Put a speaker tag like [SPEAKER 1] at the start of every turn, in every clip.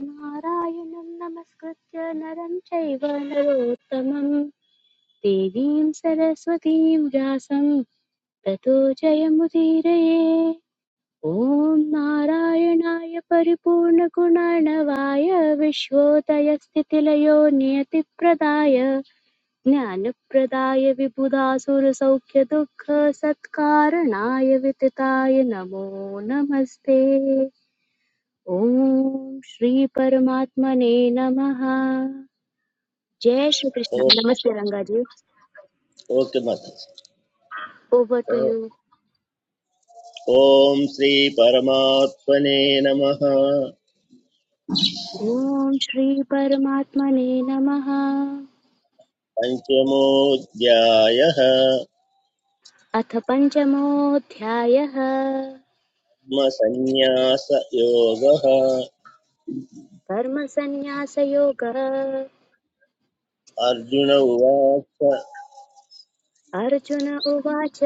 [SPEAKER 1] नारायणं नमस्कृत्य नरं चैव नरोत्तमं देवीं सरस्वतीं व्यासं ततो जयमुदीरये ॐ नारायणाय परिपूर्णगुणर्णवाय विश्वोदयस्थितिलयो नियतिप्रदाय ज्ञानप्रदाय विबुधासुरसौख्यदुःखसत्कारणाय वितताय नमो नमस्ते ओम श्री परमात्मने नमः जय श्री कृष्ण
[SPEAKER 2] ओ-
[SPEAKER 1] नमस्ते रंगा जी
[SPEAKER 2] ओके माता
[SPEAKER 1] ओवर टू यू
[SPEAKER 2] ॐ श्रीपरमात्मने नमः
[SPEAKER 1] ओम श्री परमात्मने नमः
[SPEAKER 2] पञ्चमोऽध्यायः
[SPEAKER 1] अथ पंचमोऽध्यायः
[SPEAKER 2] आत्मसन्न्यासयोगः
[SPEAKER 1] कर्म संन्यास योगः
[SPEAKER 2] अर्जुन उवाच
[SPEAKER 1] अर्जुन उवाच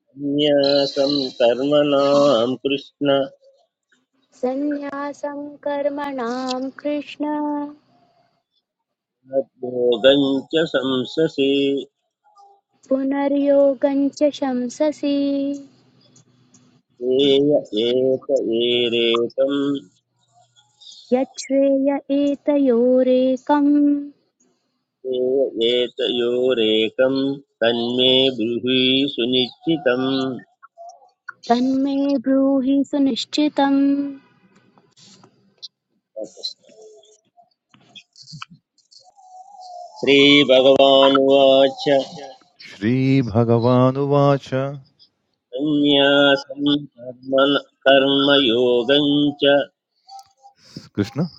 [SPEAKER 2] सन्न्यासं कर्मणां कृष्ण
[SPEAKER 1] संन्यासं कर्मणां कृष्ण
[SPEAKER 2] भोगं च संससि
[SPEAKER 1] पुनर्योगं च शंससि
[SPEAKER 2] एय एत एरेकम्
[SPEAKER 1] यच्छ्रेय एतयोरेकम्
[SPEAKER 2] एय एतयोरेकं तन्मे ब्रूहि सुनिश्चितम्
[SPEAKER 1] तन्मे ब्रूहि सुनिश्चितम्
[SPEAKER 2] श्रीभगवानुवाच
[SPEAKER 3] Shri Bhagavan Vacha
[SPEAKER 2] संन्यासं कर्म कर्मयोगं च
[SPEAKER 3] Krishna,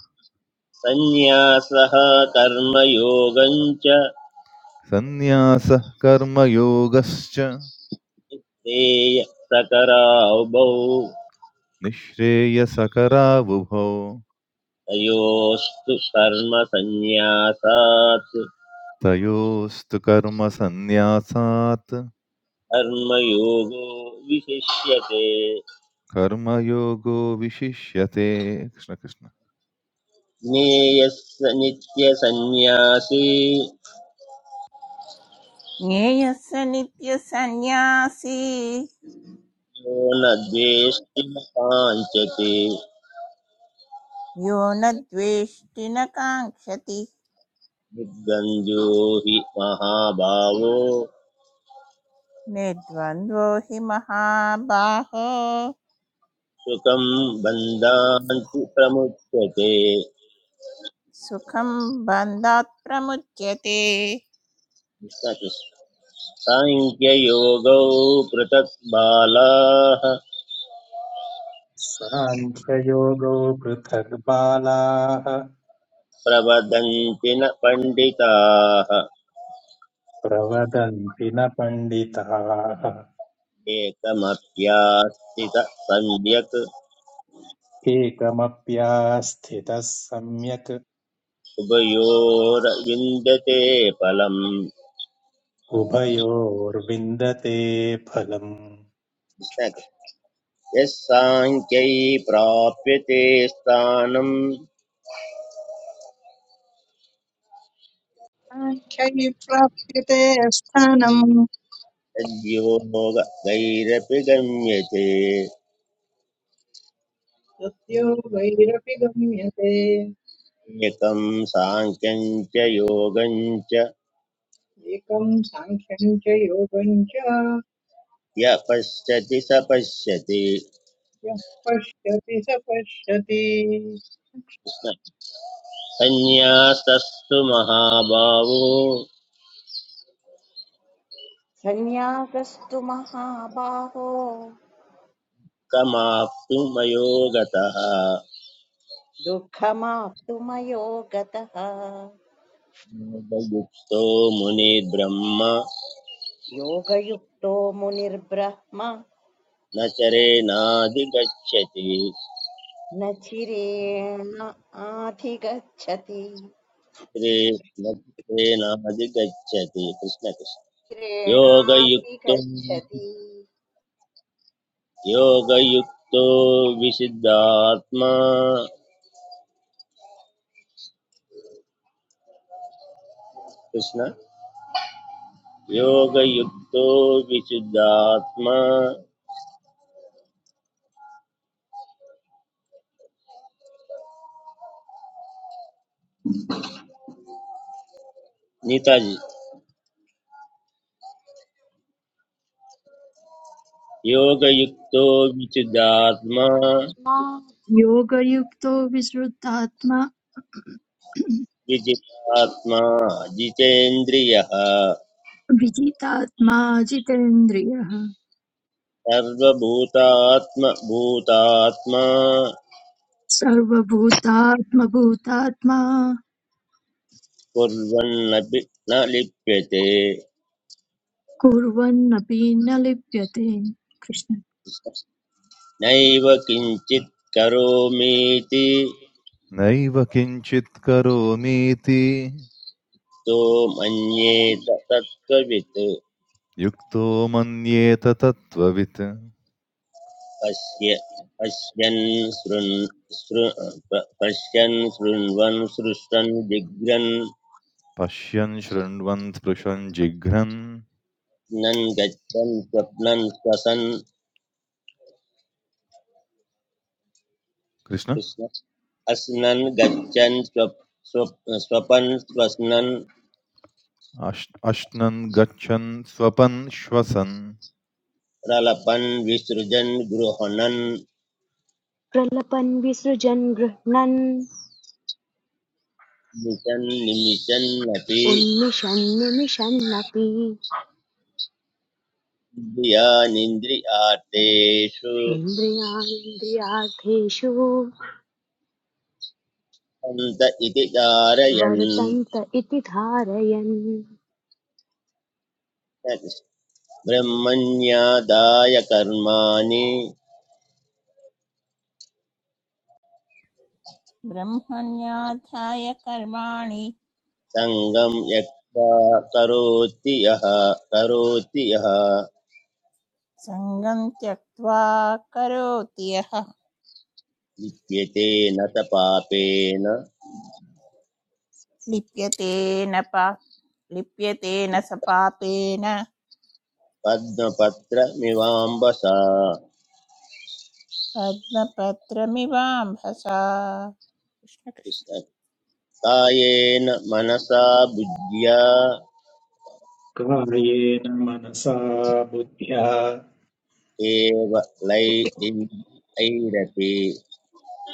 [SPEAKER 2] संन्यासः कर्मयोगं च
[SPEAKER 3] Sannyasa Karma Yoga Scha,
[SPEAKER 2] तेयप्रकरावभौ
[SPEAKER 3] Nishreya Sakara Vuh,
[SPEAKER 2] तयोस्तु कर्मसन्न्यासात्
[SPEAKER 3] Tayost Karma Sannyasaat,
[SPEAKER 2] कर्मयोगो विशिष्यते
[SPEAKER 3] Karma Yoga Vishishyate Krishna Krishna.
[SPEAKER 2] ज्ञेयस्य नित्यसन्न्यासी
[SPEAKER 4] ज्ञेयः स नित्यसन्न्यासी
[SPEAKER 2] यो न द्वेष्टिं काञ्चति
[SPEAKER 4] यो न द्वेष्टि न काङ्क्षति
[SPEAKER 2] निर्गञ्जो हि महाभावो
[SPEAKER 4] निर्द्वन्द्वो हि महाबाहो
[SPEAKER 2] सुखं बन्धान्ति प्रमुच्यते
[SPEAKER 4] सुखं बन्धात् प्रमुच्यते
[SPEAKER 2] साङ्ख्ययोगौ पृथक् बालाः
[SPEAKER 5] साङ्ख्ययोगो पृथक् बालाः
[SPEAKER 2] प्रवदन्ति न पण्डिताः
[SPEAKER 5] प्रवदन्ति न पण्डिताः
[SPEAKER 2] एकमप्यास्थित सम्यक्
[SPEAKER 5] एकमप्यास्थितः सम्यक्
[SPEAKER 2] उभयोरविन्दते फलम्
[SPEAKER 5] उभयोर्विन्दते फलम्
[SPEAKER 2] यः प्राप्यते स्थानम्
[SPEAKER 6] साङ्ख्यै प्राप्यते स्थानम्
[SPEAKER 2] तद्योगैरपि गम्यते
[SPEAKER 6] तस्य वैरपि गम्यते
[SPEAKER 2] एकं साङ्ख्यं च योगं च
[SPEAKER 6] एकं साङ्ख्यं च योगं च
[SPEAKER 2] य पश्यति स पश्यति
[SPEAKER 6] यः पश्यति स पश्यति
[SPEAKER 2] संन्यासस्तु महाभावो
[SPEAKER 7] सन्न्यासस्तु महाबाहो
[SPEAKER 2] कमाप्तु मयो गतः
[SPEAKER 7] दुःखमाप्तुमयो गतः
[SPEAKER 2] योगयुक्तो मुनिर्ब्रह्म
[SPEAKER 7] योगयुक्तो मुनिर्ब्रह्म
[SPEAKER 2] न चरेणाधिगच्छति
[SPEAKER 7] न चिरेण आधिगच्छति
[SPEAKER 2] श्रेणाधिगच्छति कृष्णकृष्ण योगयुक्तो
[SPEAKER 7] चिरेणाधिगच्छति
[SPEAKER 2] योगयुक्तो विशुद्धात्मा कृष्ण योगयुक्तो विशुद्धात्मा नेताजी योगयुक्तो विशुद्धात्मा
[SPEAKER 8] मा
[SPEAKER 9] योगयुक्तो विश्रुतात्मा
[SPEAKER 2] विजितात्मा जितेन्द्रियः
[SPEAKER 9] विजितात्मा जितेन्द्रियः
[SPEAKER 2] सर्वभूतात्म भूतात्मा
[SPEAKER 9] सर्वभूतात्मभूतात्मा
[SPEAKER 2] कुर्वन्नपि न लिप्यते
[SPEAKER 9] कुर्वन्नपि न लिप्यते कृष्ण
[SPEAKER 2] नैव किञ्चित् करोमीति
[SPEAKER 3] Nayi Vakinchit Karo Miti,
[SPEAKER 2] तो मन्येत तत्त्ववित्
[SPEAKER 3] Yukto Manye Tat Tattvita,
[SPEAKER 2] पश्य पश्यन् शृण् शृ प- पश्यन् शृण्वन् सृष्टन् जिघ्रन्
[SPEAKER 3] Pasyan Shradvand Prashan Jigran
[SPEAKER 2] नन् गच्छन् स्वप्नन् श्वसन्
[SPEAKER 3] Krishna,
[SPEAKER 2] कृष्ण अस्नन् गच्छन् स्वप् स्वप्- स्वपन् स्वस्नन्
[SPEAKER 3] Ashn Ashnand Gacchan Swapan Swasan.
[SPEAKER 2] प्रलपन् विसृजन् गृह्णन्
[SPEAKER 8] प्रलपन् विसृजन् गृह्णन्
[SPEAKER 2] निशन् निमिषन्नपि
[SPEAKER 8] उन्निशन् निमिषन्नपि
[SPEAKER 2] इन्द्रियानिन्द्रियार्थेषु
[SPEAKER 8] इन्द्रियान्द्रियार्थेषु
[SPEAKER 2] सन्त इति कारयन्
[SPEAKER 8] वर्तन्त इति धारयन्
[SPEAKER 2] ब्रह्मण्यादाय कर्माणि
[SPEAKER 4] ब्रह्मण्याध्याय कर्माणि
[SPEAKER 2] सङ्गं यत्त्वा करोति यः करोति यः
[SPEAKER 4] सङ्गं त्यक्त्वा करोति यः
[SPEAKER 2] लिप्यते न स पापेन
[SPEAKER 4] लिप्यते न पा लिप्यते न स पापेन
[SPEAKER 2] पद्मपत्रमिवाम्बसा
[SPEAKER 4] पद्मपत्रमिवाम्भसा कृष्ण कृष्ण।
[SPEAKER 2] कृष्ण- कायेन मनसा बुद्ध्या
[SPEAKER 5] कायेन मनसा बुद्ध्या
[SPEAKER 2] एव लैरपि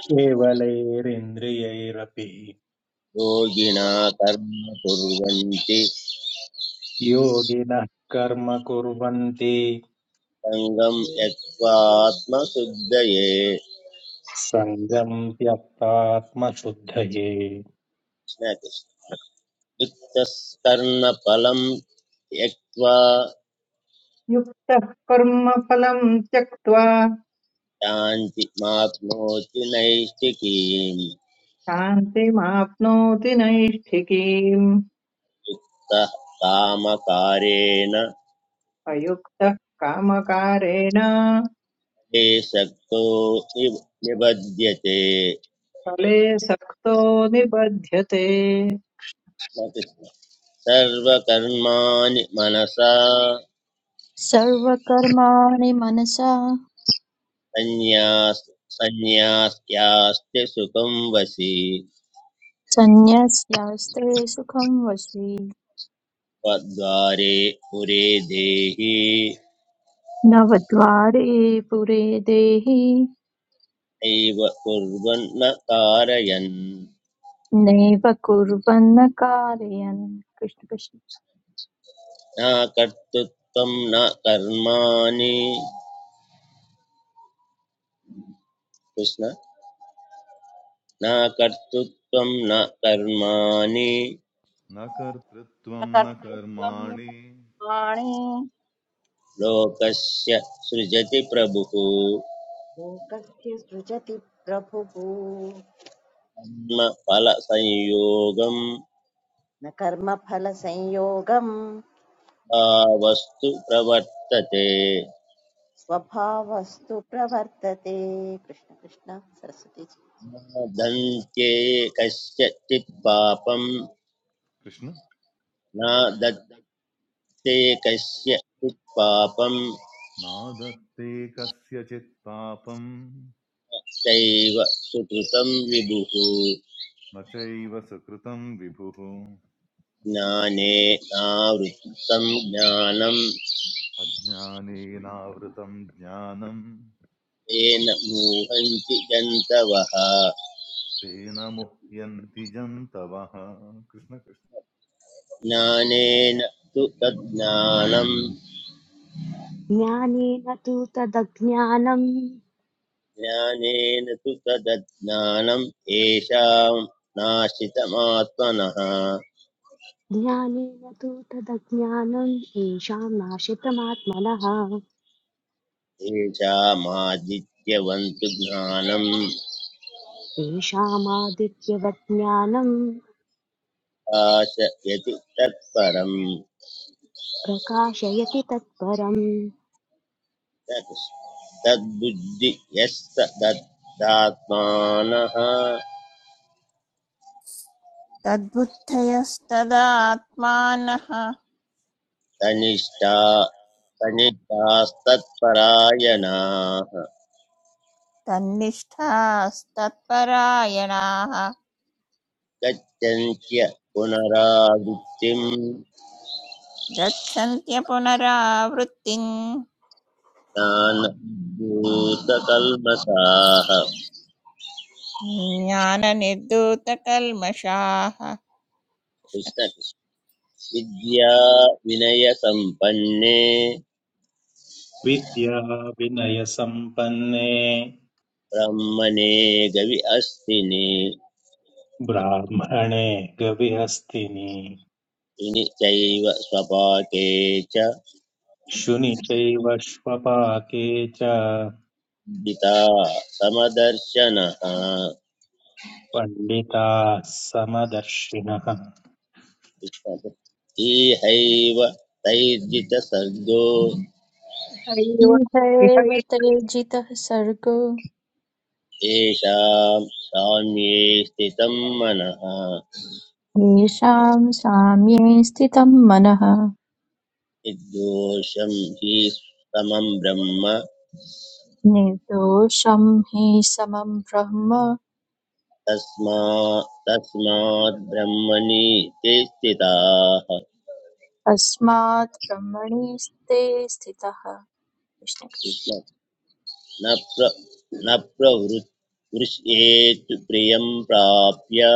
[SPEAKER 5] केवलैरिन्द्रियैरपि
[SPEAKER 2] योगिना कर्म कुर्वन्ति
[SPEAKER 5] योगिनः कर्म कुर्वन्ति
[SPEAKER 2] सङ्गं यत्त्वात्मशुद्धये
[SPEAKER 5] सङ्गम् त्यक्तात्मशुद्धये
[SPEAKER 2] कृष्ण कृष्ण। युक्तस्कर्णफलं त्यक्त्वा
[SPEAKER 6] युक्तः कर्मफलं त्यक्त्वा
[SPEAKER 2] शान्तिमाप्नोति नैष्ठिकीम्
[SPEAKER 6] शान्तिमाप्नोति नैष्ठिकीम्
[SPEAKER 2] सः कामकारेण
[SPEAKER 6] अयुक्तः कामकारेण
[SPEAKER 2] देशक्तो निब- निबध्यते
[SPEAKER 6] फले सक्तो निबध्यते
[SPEAKER 2] सर्वकर्माणि मनसा
[SPEAKER 9] सर्वकर्माणि मनसा
[SPEAKER 2] संन्यास संन्यास्यास्ते सुखं वसि
[SPEAKER 9] सन्न्यस्यास्ते सुखं वशी
[SPEAKER 2] त्वद्वारे पुरे देहि
[SPEAKER 9] नवद्वारे पुरे देहि
[SPEAKER 2] नैव कुर्वन् न कारयन्
[SPEAKER 9] नैव कुर्वन्न कारयन् कृष्ण कृष्ण
[SPEAKER 2] न कर्तृत्वं न कर्माणि कृष्ण न कर्तृत्वं न कर्माणि
[SPEAKER 3] न कर्तृत्वम् न
[SPEAKER 7] कर्तृत्वम्
[SPEAKER 3] कर्माणि
[SPEAKER 7] प्राणे
[SPEAKER 2] लोकस्य सृजति प्रभुः
[SPEAKER 7] लोकस्य सृजति प्रभुः
[SPEAKER 2] कर्मफलसंयोगं
[SPEAKER 7] न कर्मफलसंयोगम्
[SPEAKER 2] भावस्तु प्रवर्तते
[SPEAKER 7] स्वभावस्तु प्रवर्तते कृष्ण कृष्ण सरस्वती।
[SPEAKER 2] न दन्त्ये कस्यचित् पापं
[SPEAKER 3] कृष्ण
[SPEAKER 2] न
[SPEAKER 3] न
[SPEAKER 2] दत्ते
[SPEAKER 3] द-
[SPEAKER 2] कस्यचित् पापं
[SPEAKER 3] नादत्ते कस्यचित् पापम्
[SPEAKER 2] चैव सुकृतं विभुः
[SPEAKER 3] न चैव सुकृतम् विभुः
[SPEAKER 2] ज्ञाने नावृत्तं ज्ञानं
[SPEAKER 3] अज्ञानेनावृतम् ज्ञानम्
[SPEAKER 2] तेन मोहन्ति जन्तवः
[SPEAKER 3] तेन मुह्यन्ति जन्तवः कृष्ण कृष्ण
[SPEAKER 2] ज्ञानेन तु तज्ज्ञानम्
[SPEAKER 8] ज्ञानेन तु तदज्ञानम्
[SPEAKER 2] ज्ञानेन तु तदज्ञानम् येषां नाशितमात्मनः
[SPEAKER 8] ज्ञानेन तु तदज्ञानम् येषां नाशितमात्मनः
[SPEAKER 2] येषामादित्यवन्तु ज्ञानम्
[SPEAKER 8] तेषामादित्यवत् ज्ञानम्
[SPEAKER 2] आशयति तत्परम्
[SPEAKER 8] प्रकाशयति तत्परम्
[SPEAKER 2] तत्-
[SPEAKER 4] तद्बुद्धयस्तदात्मानः
[SPEAKER 2] तनिष्ठा तनिष्ठास्तत्परायणाः
[SPEAKER 4] तन्निष्ठास्तत्परायणाः
[SPEAKER 2] गच्छन्त्य पुनरावृत्तिम्
[SPEAKER 4] गच्छन्त्य पुनरावृत्तिम्
[SPEAKER 2] ज्ञानभूतकल्मषाः
[SPEAKER 4] ज्ञाननिर्धूतकल्मषाः
[SPEAKER 2] कृष्ण कृष्ण। विद्या विनय संपन्ने
[SPEAKER 5] विद्या विनयसम्पन्ने
[SPEAKER 2] ब्रह्मणे गवि अस्तिने
[SPEAKER 5] ब्राह्मणे गविहस्तिनि
[SPEAKER 2] विनि चैव स्वपाके च
[SPEAKER 5] शुनि चैव श्वपाके च
[SPEAKER 2] पिता समदर्शनः
[SPEAKER 5] पण्डिताः समदर्शिनः
[SPEAKER 2] कृष्ण कृष्ण। इहैव तैर्जितसर्गो
[SPEAKER 6] इहैव
[SPEAKER 9] ईह
[SPEAKER 6] इहैव
[SPEAKER 9] एव ते जितः सर्गो
[SPEAKER 2] येषां साम्ये स्थितं मनः
[SPEAKER 9] येषाम् साम्ये स्थितं मनः
[SPEAKER 2] निर्दोषं हि समं ब्रह्म
[SPEAKER 9] निर्दोषं हि समं ब्रह्म
[SPEAKER 2] तस्मा तस्मात् ब्रह्मणि ते स्थिताः
[SPEAKER 9] तस्मात् ब्रह्मणि स्ते स्थितः कृष्णकृष्ण
[SPEAKER 2] न प्र न प्रवृत्षेत् प्रियं प्राप्य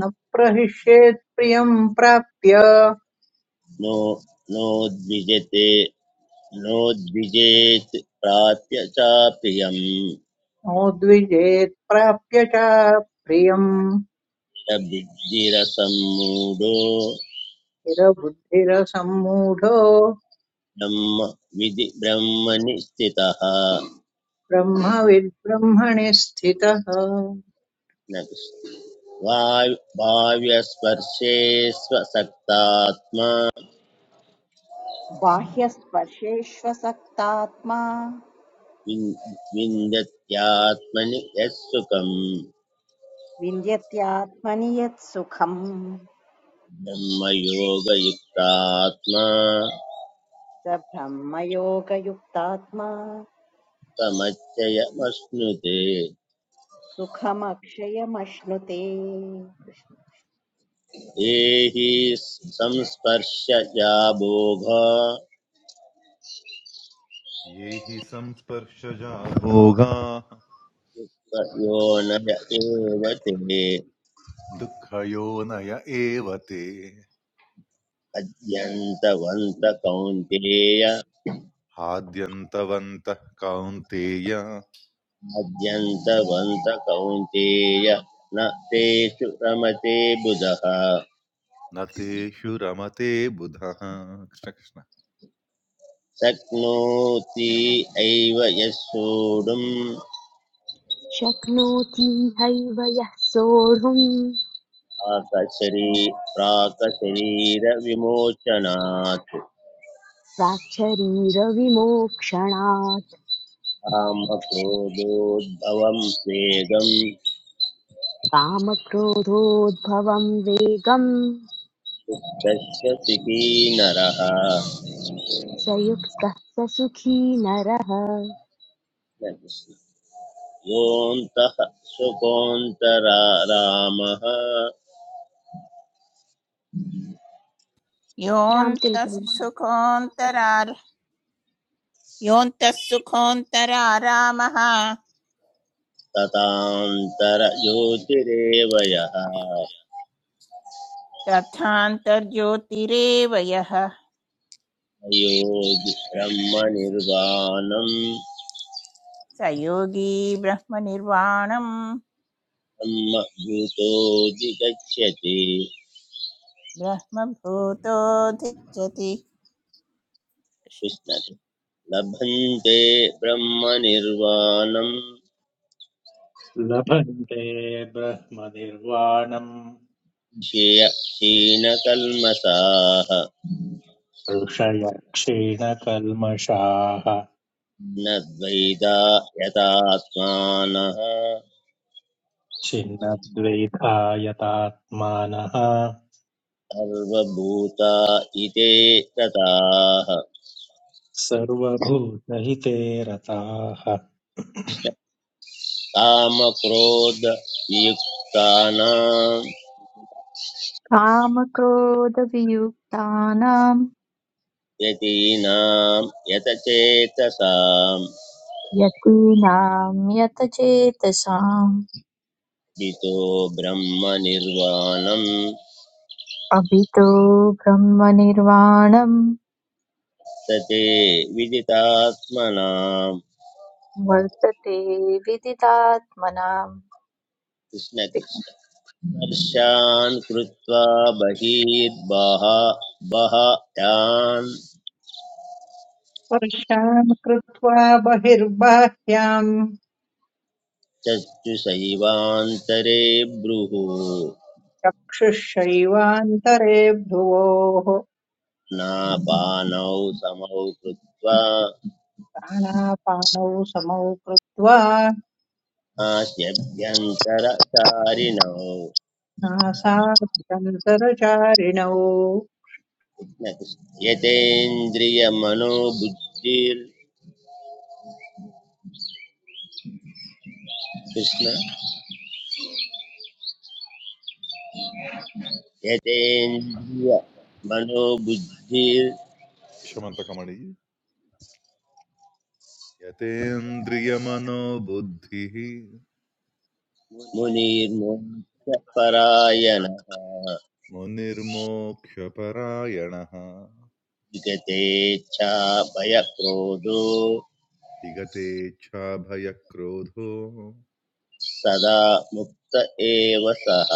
[SPEAKER 6] न प्रहिष्येत् प्रियं प्राप्य
[SPEAKER 2] नो नोद्विजते नोद्विजेत् प्राप्य च प्रियं
[SPEAKER 6] नोद्विजेत् प्राप्य च प्रियम्
[SPEAKER 2] स बुद्धिरसं मूढो
[SPEAKER 6] स्थिरबुद्धिरसम्मूढो
[SPEAKER 2] ब्रह्म विधि ब्रह्मणि स्थितः
[SPEAKER 6] ब्रह्मविद्ब्रह्मणि स्थितः
[SPEAKER 2] भाव्यस्पर्शे स्वसक्तात्मा
[SPEAKER 7] बाह्यस्पर्शेष्वसक्तात्मा
[SPEAKER 2] विन्- विन्दत्यात्मनि यत् सुखम्
[SPEAKER 7] विन्द्यत्यात्मनि यत् सुखम्
[SPEAKER 2] ब्रह्मयोगयुक्तात्मा
[SPEAKER 7] स ब्रह्मयोगयुक्तात्मा
[SPEAKER 2] तमच्चयमश्नुते
[SPEAKER 7] सुखमक्षयमश्नुते
[SPEAKER 2] देहि संस्पर्शया भोग
[SPEAKER 3] ये हि संस्पर्शजा भोगाः
[SPEAKER 2] यो न एव ते
[SPEAKER 3] दुःखयोनय एव ते
[SPEAKER 2] अद्यन्तवन्त कौन्तेय
[SPEAKER 3] हाद्यन्तवन्तः कौन्तेय
[SPEAKER 2] अद्यन्तवन्त कौन्तेय न तेषु रमते बुधः
[SPEAKER 3] न तेषु रमते बुधः कृष्ण कृष्ण
[SPEAKER 2] शक्नोति एव यः सोढुम्
[SPEAKER 8] शक्नोति हैव यः सोढुम्
[SPEAKER 2] प्राकशरी प्राकशरीरविमोचनात्
[SPEAKER 8] प्राच्चरी रविमोक्षणात्
[SPEAKER 2] कामक्रोधोद्भवं स्वेगं
[SPEAKER 8] कामक्रोधोद्भवं वेगं
[SPEAKER 2] शुद्धस्य सिकी नरः
[SPEAKER 8] स युक्तः स सुखी नरः
[SPEAKER 2] योऽन्तः सुकोऽन्तरा रामः
[SPEAKER 4] योऽन्तः
[SPEAKER 8] रामतिलकम्
[SPEAKER 4] सुखोऽन्तरार योऽन्तः सुखोऽन्तरारामः
[SPEAKER 2] ततान्तरज्योतिरेव यः
[SPEAKER 4] तथान्तर्ज्योतिरेव यः
[SPEAKER 2] अयोधि ब्रह्मनिर्वाणम्
[SPEAKER 4] स योगी ब्रह्मनिर्वाणम्
[SPEAKER 2] ब्रह्मभूतो जिगच्छति
[SPEAKER 4] ब्रह्मभूतोऽधिगच्छति
[SPEAKER 2] कृष्ण लभन्ते ब्रह्मनिर्वाणम्
[SPEAKER 5] लभन्ते ब्रह्मनिर्वाणम्
[SPEAKER 2] क्षीणकल्मषाः
[SPEAKER 5] ऋषयः क्षीणकल्मषाः
[SPEAKER 2] न द्वैता यतात्मानः
[SPEAKER 5] छिन्नद्वैधायतात्मानः
[SPEAKER 2] सर्वभूता इते रताः
[SPEAKER 5] सर्वभूतहिते रताः
[SPEAKER 2] कामक्रोधयुक्तानां
[SPEAKER 9] कामक्रोधवियुक्तानां
[SPEAKER 2] यतीनां यतचेतसां
[SPEAKER 9] यतीनां यतचेतसाम्
[SPEAKER 2] हितो ब्रह्मनिर्वाणम्
[SPEAKER 9] अभितो ब्रह्मनिर्वाणं
[SPEAKER 2] वर्तते विदितात्मनाम्
[SPEAKER 9] वर्तते विदितात्मनाम्
[SPEAKER 2] कृष्णकृष्ण स्पर्शान् कृत्वा बहिर्बह बह तान्
[SPEAKER 6] स्पर्शान् कृत्वा बहिर्बाह्यान्
[SPEAKER 2] चक्षुषैवान्तरे ब्रुः
[SPEAKER 6] चक्षुषैवान्तरे भ्रुवोः
[SPEAKER 2] नापानौ समौ कृत्वा
[SPEAKER 6] प्राणापानौ समौ कृत्वा
[SPEAKER 2] नास्यभ्यन्तरचारिणौ
[SPEAKER 6] नासाभ्यन्तरचारिणौ
[SPEAKER 2] न कृष्ण। यतेन्द्रियमनोबुद्धिर् कृष्ण यतेन्द्रियमनोबुद्धिर्
[SPEAKER 3] शमन्तकमणि यतेन्द्रियमनोबुद्धिः
[SPEAKER 2] मुनिर्मोक्ष परायणः
[SPEAKER 3] मुनिर्मोक्षपरायणः
[SPEAKER 2] विगते च भयक्रोधो
[SPEAKER 3] विगतेच्छाभयक्रोधो
[SPEAKER 2] सदा मुक्त एव सः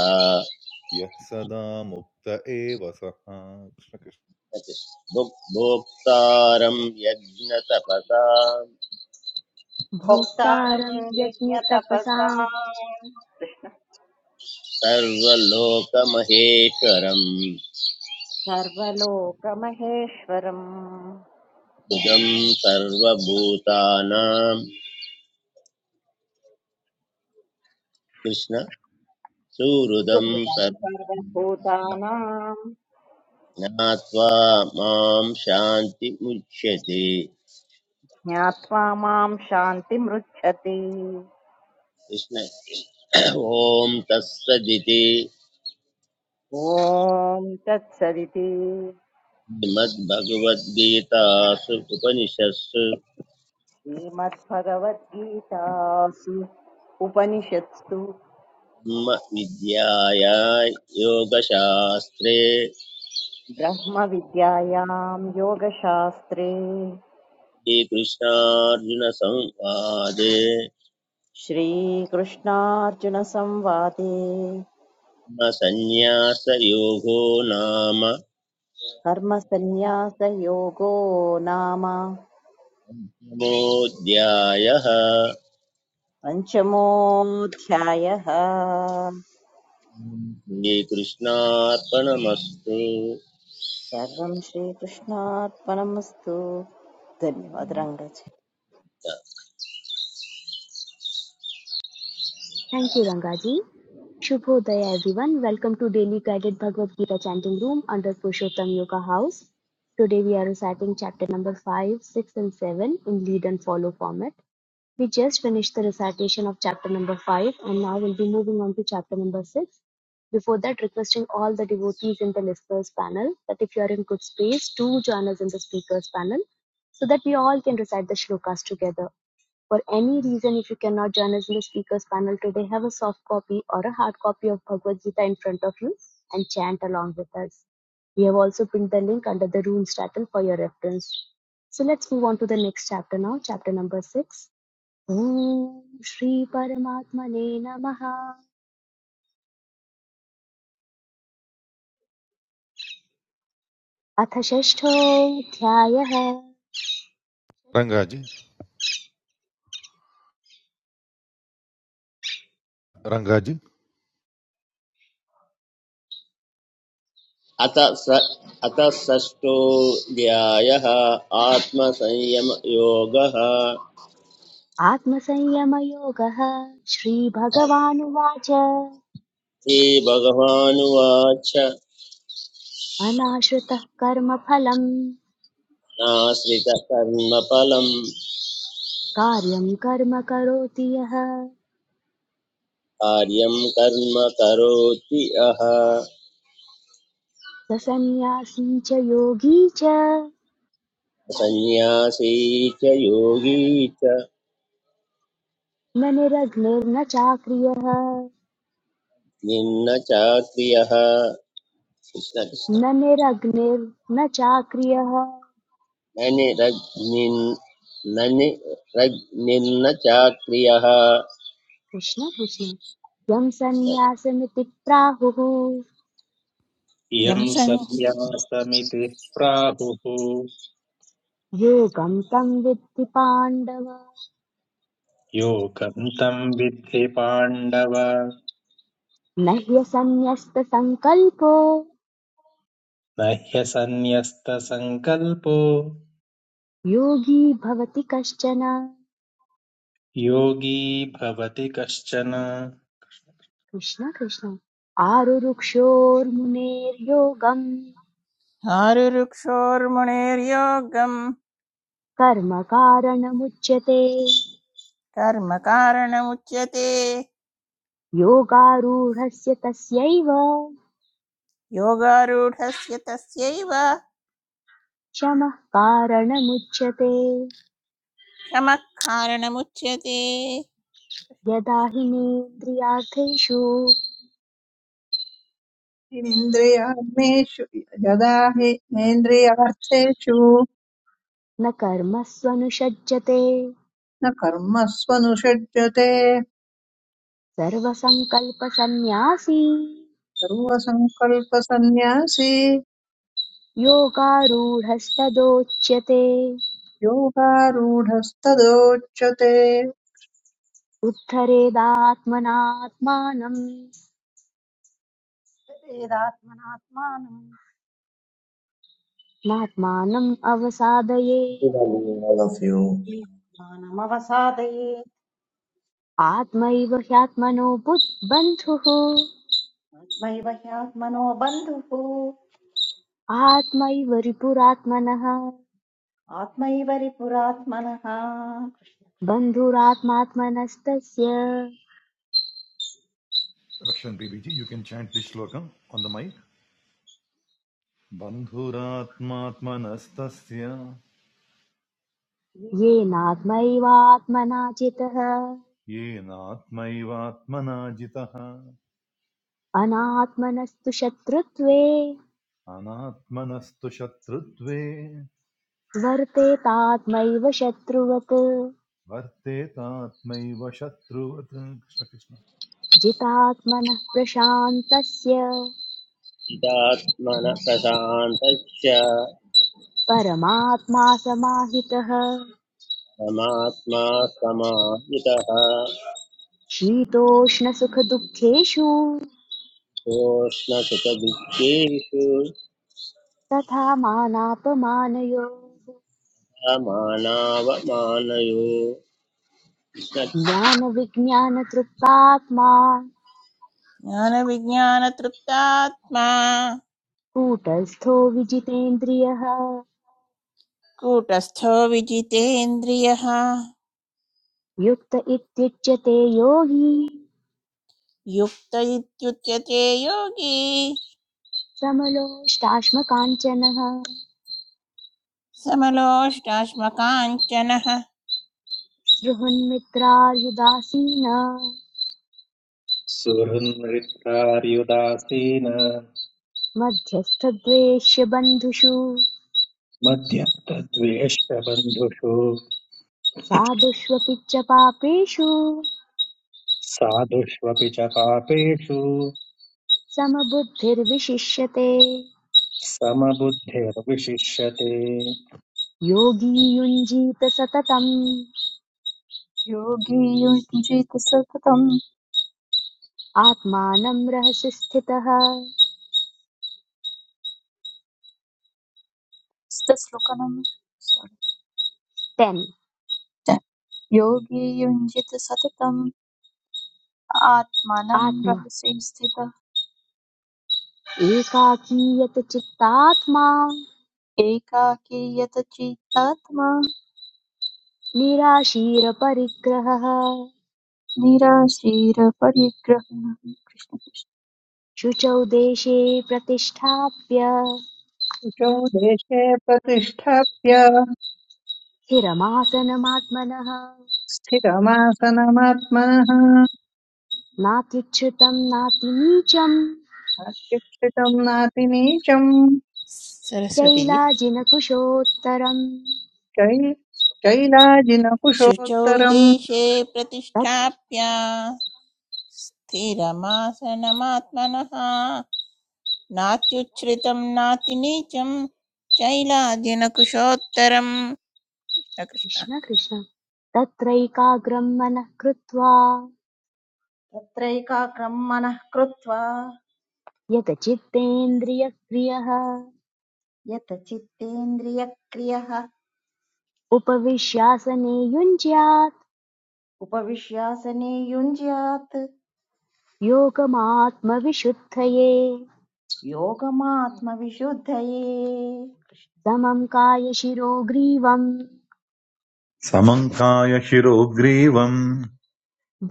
[SPEAKER 3] यः सदा मुक्त एव सः कृष्ण कृष्ण।
[SPEAKER 2] भुक्- भोक्तारं यज्ञतपसां
[SPEAKER 7] भोक्तारम्
[SPEAKER 8] भोक्तारं यज्ञतपसां
[SPEAKER 7] यज्ञतपसा
[SPEAKER 2] सर्वलोकमहेश्वरं
[SPEAKER 7] सर्वलोकमहेश्वरम्
[SPEAKER 2] बुधं सर्वभूतानां कृष्ण सुहृदं
[SPEAKER 7] सुहृदम्
[SPEAKER 2] सर्व
[SPEAKER 7] सर्वभूतानाम्
[SPEAKER 2] ज्ञात्वा मां शान्तिमुच्यते
[SPEAKER 7] ज्ञात्वा माम् शान्तिमृच्छति
[SPEAKER 2] कृष्ण ॐ तत्सदिति
[SPEAKER 7] ॐ तत्सदिति
[SPEAKER 2] श्रीमद्भगवद्गीतासु उपनिषत्सु
[SPEAKER 7] श्रीमद्भगवद्गीतासु उपनिषत्सु
[SPEAKER 2] ब्रह्मविद्याया योगशास्त्रे
[SPEAKER 7] ब्रह्मविद्यायां योगशास्त्रे
[SPEAKER 2] श्रीकृष्णार्जुनसंवादे
[SPEAKER 7] श्रीकृष्णार्जुनसंवादे
[SPEAKER 2] न सन्न्यासयोगो नाम
[SPEAKER 7] कर्मसन्न्यासयोगो नाम
[SPEAKER 2] नमोऽध्यायः
[SPEAKER 7] पञ्चमोऽध्यायः
[SPEAKER 2] श्रीकृष्णार्पणमस्तु
[SPEAKER 7] सर्वं श्रीकृष्णार्पणमस्तु धन्यवाद रङ्गज
[SPEAKER 8] थैंक यू रंगाजी शुभोदय everyone welcome to daily guided Bhagavad Gita chanting room under Purushottam Yoga house today we are reciting chapter number 5 6 and 7 in lead and follow format We just finished the recitation of chapter number 5 and now we'll be moving on to chapter number 6. Before that, requesting all the devotees in the listeners panel that if you are in good space, do join us in the speakers panel so that we all can recite the shlokas together. For any reason, if you cannot join us in the speakers panel today, have a soft copy or a hard copy of Bhagavad Gita in front of you and chant along with us. We have also pinned the link under the room's title for your reference. So let's move on to the next chapter now, chapter number 6. ॐ श्रीपरमात्मने नमः अथ षष्ठोऽध्यायः
[SPEAKER 3] रङ्गाजी रङ्गाजी
[SPEAKER 2] अथ स अतः षष्ठोऽध्यायः आत्मसंयमयोगः
[SPEAKER 8] आत्मसंयमयोगः श्रीभगवानुवाच
[SPEAKER 2] श्रीभगवानुवाच
[SPEAKER 8] अनाश्रितः कर्मफलम्
[SPEAKER 2] नाश्रितकर्मफलम्
[SPEAKER 8] कार्यं कर्म करोति यः
[SPEAKER 2] कार्यं कर्म करोति अह
[SPEAKER 8] स सन्न्यासी च योगी च
[SPEAKER 2] सन्न्यासी च योगी च
[SPEAKER 8] न निरग्निर्न चाक्रियः
[SPEAKER 2] निम्न चाक्रियः कृष्णकृष्ण
[SPEAKER 8] न निरग्निर्न चाक्रियः
[SPEAKER 2] न निरग्निन् न निरग्निन्न चाक्रियः
[SPEAKER 8] कृष्ण कृष्ण यं सन्न्यासमिति प्राहुः
[SPEAKER 4] यं
[SPEAKER 5] इयम् सन्न्यासमिति प्राहुः
[SPEAKER 8] योगं तं विद्धि पाण्डव
[SPEAKER 5] योगं तं विद्धि पाण्डव
[SPEAKER 8] न ह्यसन्न्यस्त संकल्पो,
[SPEAKER 5] न ह्यसन्न्यस्तसङ्कल्पो
[SPEAKER 8] योगी भवति कश्चन
[SPEAKER 5] योगी भवति कश्चन
[SPEAKER 8] कृष्ण कृष्ण आरुरुक्षोर्मुनेर्योगं
[SPEAKER 4] संसारुरुक्षोर्मुनेर्योगं
[SPEAKER 8] कर्म कारणमुच्यते
[SPEAKER 4] कर्मकारणमुच्यते
[SPEAKER 8] योगारूढस्य तस्यैव
[SPEAKER 4] योगारूढस्य तस्यैव
[SPEAKER 8] शमः कारणमुच्यते
[SPEAKER 4] शमः कारणमुच्यते
[SPEAKER 8] यदा हिनेन्द्रियार्थेषु
[SPEAKER 6] इन्द्रियाग्नेषु यदा हि नेन्द्रियार्थेषु
[SPEAKER 8] न कर्मस्वनुषज्यते
[SPEAKER 6] न कर्मस्वनुषज्यते
[SPEAKER 8] सर्वसङ्कल्पसन्न्यासी
[SPEAKER 6] सर्वसङ्कल्पसन्न्यासी
[SPEAKER 8] योगारूढस्तदोच्यते
[SPEAKER 6] योगारूढस्तदोच्यते
[SPEAKER 8] उत्थरेदात्मनात्मानम्
[SPEAKER 7] तदेदात्मनात्मानं
[SPEAKER 8] नात्मानम् अवसादये।
[SPEAKER 10] Good evening, all of you.
[SPEAKER 7] ज्ञानमवसादये
[SPEAKER 8] आत्मैव ह्यात्मनो बुद्- बन्धुः
[SPEAKER 7] आत्मैव ह्यात्मनो बन्धुः
[SPEAKER 8] आत्मैव रिपुरात्मनः
[SPEAKER 7] आत्मैव रिपुरात्मनः कृष्ण
[SPEAKER 8] बन्धुरात्मात्मनस्तस्य
[SPEAKER 3] रक्षन् Bibiji you can chant this श्लोकम् आन् द मैक् बन्धुरात्मात्मनस्तस्य
[SPEAKER 8] येनात्मैवात्मना चितः
[SPEAKER 3] येनात्मैवात्मना जितः
[SPEAKER 8] अनात्मनस्तु शत्रुत्वे
[SPEAKER 3] अनात्मनस्तु शत्रुत्वे
[SPEAKER 8] वर्तेतात्मैव शत्रुवत्
[SPEAKER 3] वर्तेतात्मैव शत्रुवत् कृष्ण कृष्ण
[SPEAKER 8] जितात्मनः प्रशान्तस्य
[SPEAKER 2] चिदात्मनः प्रशान्तश्च
[SPEAKER 8] परमात्मा समाहितः
[SPEAKER 2] परमात्मा समाहितः
[SPEAKER 8] शीतोष्णसुखदुःखेषु
[SPEAKER 2] सोष्णसुतदुःखेषु
[SPEAKER 8] तथा मानापमानयोः
[SPEAKER 2] समानावमानयो कृष्णत्मा
[SPEAKER 8] ज्ञानविज्ञानतृप्तात्मा
[SPEAKER 4] ज्ञानविज्ञानतृप्तात्मा
[SPEAKER 8] कूटस्थो विजितेन्द्रियः
[SPEAKER 4] कूटस्थो विजितेन्द्रियः
[SPEAKER 8] युक्त इत्युच्यते योगी
[SPEAKER 4] युक्त इत्युच्यते योगी
[SPEAKER 8] समलोष्टाश्मकाञ्चनः
[SPEAKER 4] समलोष्टाश्मकाञ्चनः
[SPEAKER 8] सृहन्मित्रार्युदासीन
[SPEAKER 5] सुहृन्मृत्तार्युदासीन
[SPEAKER 8] मध्यस्थद्वेष्य बन्धुषु
[SPEAKER 5] मध्यन्तद्वेष्ट बन्धुषु
[SPEAKER 8] साधुष्वपि च पापेषु
[SPEAKER 5] साधुष्वपि च पापेषु
[SPEAKER 8] समबुद्धिर्विशिष्यते
[SPEAKER 5] समबुद्धिर्विशिष्यते
[SPEAKER 8] योगी युञ्जीत सततम्
[SPEAKER 9] योगी युञ्जीत सततं
[SPEAKER 8] आत्मानं रहसि स्थितः
[SPEAKER 9] सतश्लोकनम्
[SPEAKER 8] टेन्
[SPEAKER 9] योगी युञ्जित सततम् आत्मानं
[SPEAKER 8] आत्मा
[SPEAKER 9] रहसि स्थितः
[SPEAKER 8] एकाकीयत चित्तात्मा
[SPEAKER 9] एकाकी यतचित्तात्मा
[SPEAKER 8] निराशीरपरिग्रहः
[SPEAKER 9] निराशीरपरिग्रहणः कृष्ण कृष्ण।
[SPEAKER 8] शुचौ देशे प्रतिष्ठाप्य
[SPEAKER 6] शुचौ देशे प्रतिष्ठाप्य
[SPEAKER 8] स्थिरमासनमात्मनः
[SPEAKER 6] स्थितमासनमात्मनः
[SPEAKER 8] नात्युच्छ्रितम् नातिनीचम्
[SPEAKER 6] शिक्षितम् नातिनीचम्
[SPEAKER 4] सरस्वती जी
[SPEAKER 8] चैलाजिनकुशोत्तरम्
[SPEAKER 6] चै
[SPEAKER 4] शुचौ
[SPEAKER 6] चैलाजिनकुशोत्तरम्
[SPEAKER 4] देशे प्रतिष्ठाप्य स्थिरमासनमात्मनः नात्युच्छ्रितं नातिनीचं शैलाजिनकुशोत्तरम् कृष्ण
[SPEAKER 8] कृष्ण कृष्ण तत्रैकाग्रं मनः कृत्वा
[SPEAKER 7] तत्रैकाग्रम् मनः कृत्वा
[SPEAKER 8] यतचित्तेन्द्रियक्रियः
[SPEAKER 7] यत चित्तेन्द्रियक्रियः
[SPEAKER 8] उपविश्यासने युञ्ज्यात्
[SPEAKER 7] उपविश्यासने युञ्ज्यात्
[SPEAKER 8] योगमात्मविशुद्धये
[SPEAKER 7] योगमात्मविशुद्धये कृष्ण
[SPEAKER 8] समं कायशिरो ग्रीवं
[SPEAKER 3] समङ्काय शिरोग्रीवम्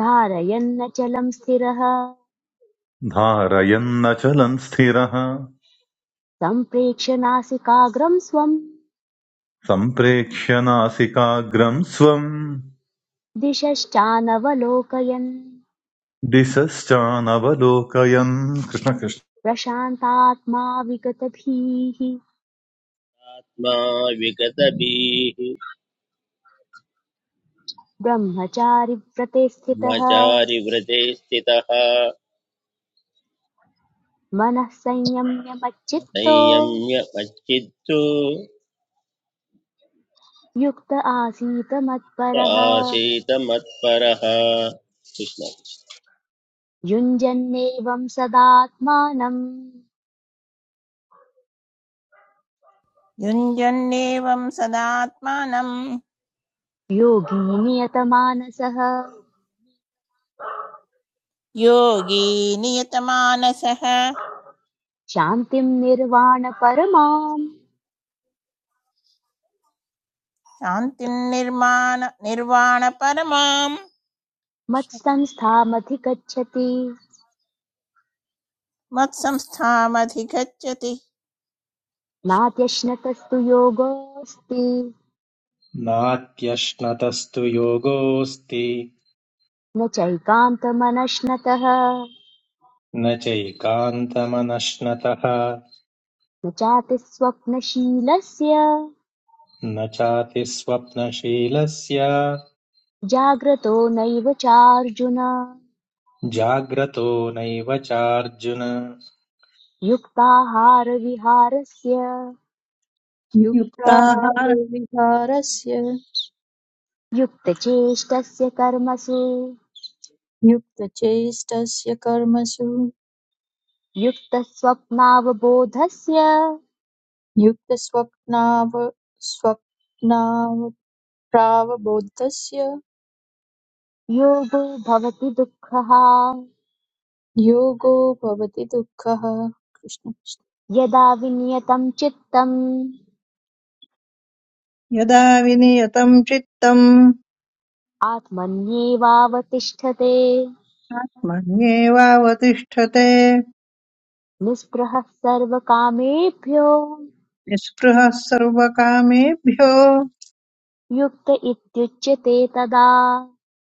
[SPEAKER 8] धारयन्नचलं स्थिरः
[SPEAKER 3] धारयन्नचलम् स्थिरः
[SPEAKER 8] सम्प्रेक्ष्य नासिकाग्रं स्वं
[SPEAKER 3] सम्प्रेक्ष्य नासिकाग्रम् स्वम्
[SPEAKER 8] दिशश्चानवलोकयन्
[SPEAKER 3] दिशश्चानवलोकयन् कृष्णकृष्ण
[SPEAKER 8] प्रशान्तात्मा विगतभीः
[SPEAKER 2] विगतभिः
[SPEAKER 8] ब्रह्मचारिव्रते स्थितः
[SPEAKER 2] ब्रह्मचारिव्रते स्थितः
[SPEAKER 8] मनः संयम्य मच्चित्तो
[SPEAKER 2] संयम्य मच्चित्तु
[SPEAKER 8] युक्त आसीत
[SPEAKER 2] स
[SPEAKER 8] मत्परः
[SPEAKER 2] आसीत मत्परः कृष्ण
[SPEAKER 8] युञ्जन्नेवं सदात्मानं
[SPEAKER 4] युञ्जन्नेवं सदात्मानं
[SPEAKER 8] योगी नियतमानसः
[SPEAKER 4] योगी नियतमानसः
[SPEAKER 8] शान्तिं निर्वाणपरमां
[SPEAKER 4] शान्तिं निर्माण निर्वाणपरमां कृष्ण-
[SPEAKER 8] मत्संस्थामधिगच्छति
[SPEAKER 4] मत्संस्थामधिगच्छति कृष्ण कृष्ण।
[SPEAKER 8] नात्यश्नतस्तु योगोऽस्ति
[SPEAKER 5] नात्यश्नतस्तु योगोऽस्ति
[SPEAKER 8] न चैकान्तमनश्नतः
[SPEAKER 5] न चैकान्तमनश्नतः
[SPEAKER 8] न चातिस्वप्नशीलस्य
[SPEAKER 5] न चातिस्वप्नशीलस्य
[SPEAKER 8] जाग्रतो नैव चार्जुन
[SPEAKER 5] जाग्रतो नैव चार्जुन
[SPEAKER 8] युक्ताहारविहारस्य
[SPEAKER 9] युक्ताहारो
[SPEAKER 6] युक्ताहार
[SPEAKER 9] विहारस्य
[SPEAKER 8] युक्तचेष्टस्य कर्मसु
[SPEAKER 9] युक्तचेष्टस्य कर्मसु
[SPEAKER 8] युक्तस्वप्नावबोधस्य
[SPEAKER 9] युक्तस्वप्नाव स्वप्नावप्रावबोधस्य
[SPEAKER 8] योगो भवति दुःखः
[SPEAKER 9] योगो भवति दुःखः कृष्ण कृष्ण।
[SPEAKER 8] यदा विनियतं चित्तम्
[SPEAKER 6] यदा विनियतम् चित्तम्
[SPEAKER 8] आत्मन्येवावतिष्ठते
[SPEAKER 6] मन्येवावतिष्ठते
[SPEAKER 8] निःस्पृहः सर्वकामेभ्यो
[SPEAKER 6] निःस्पृहः सर्वकामेभ्यो
[SPEAKER 8] युक्त इत्युच्यते तदा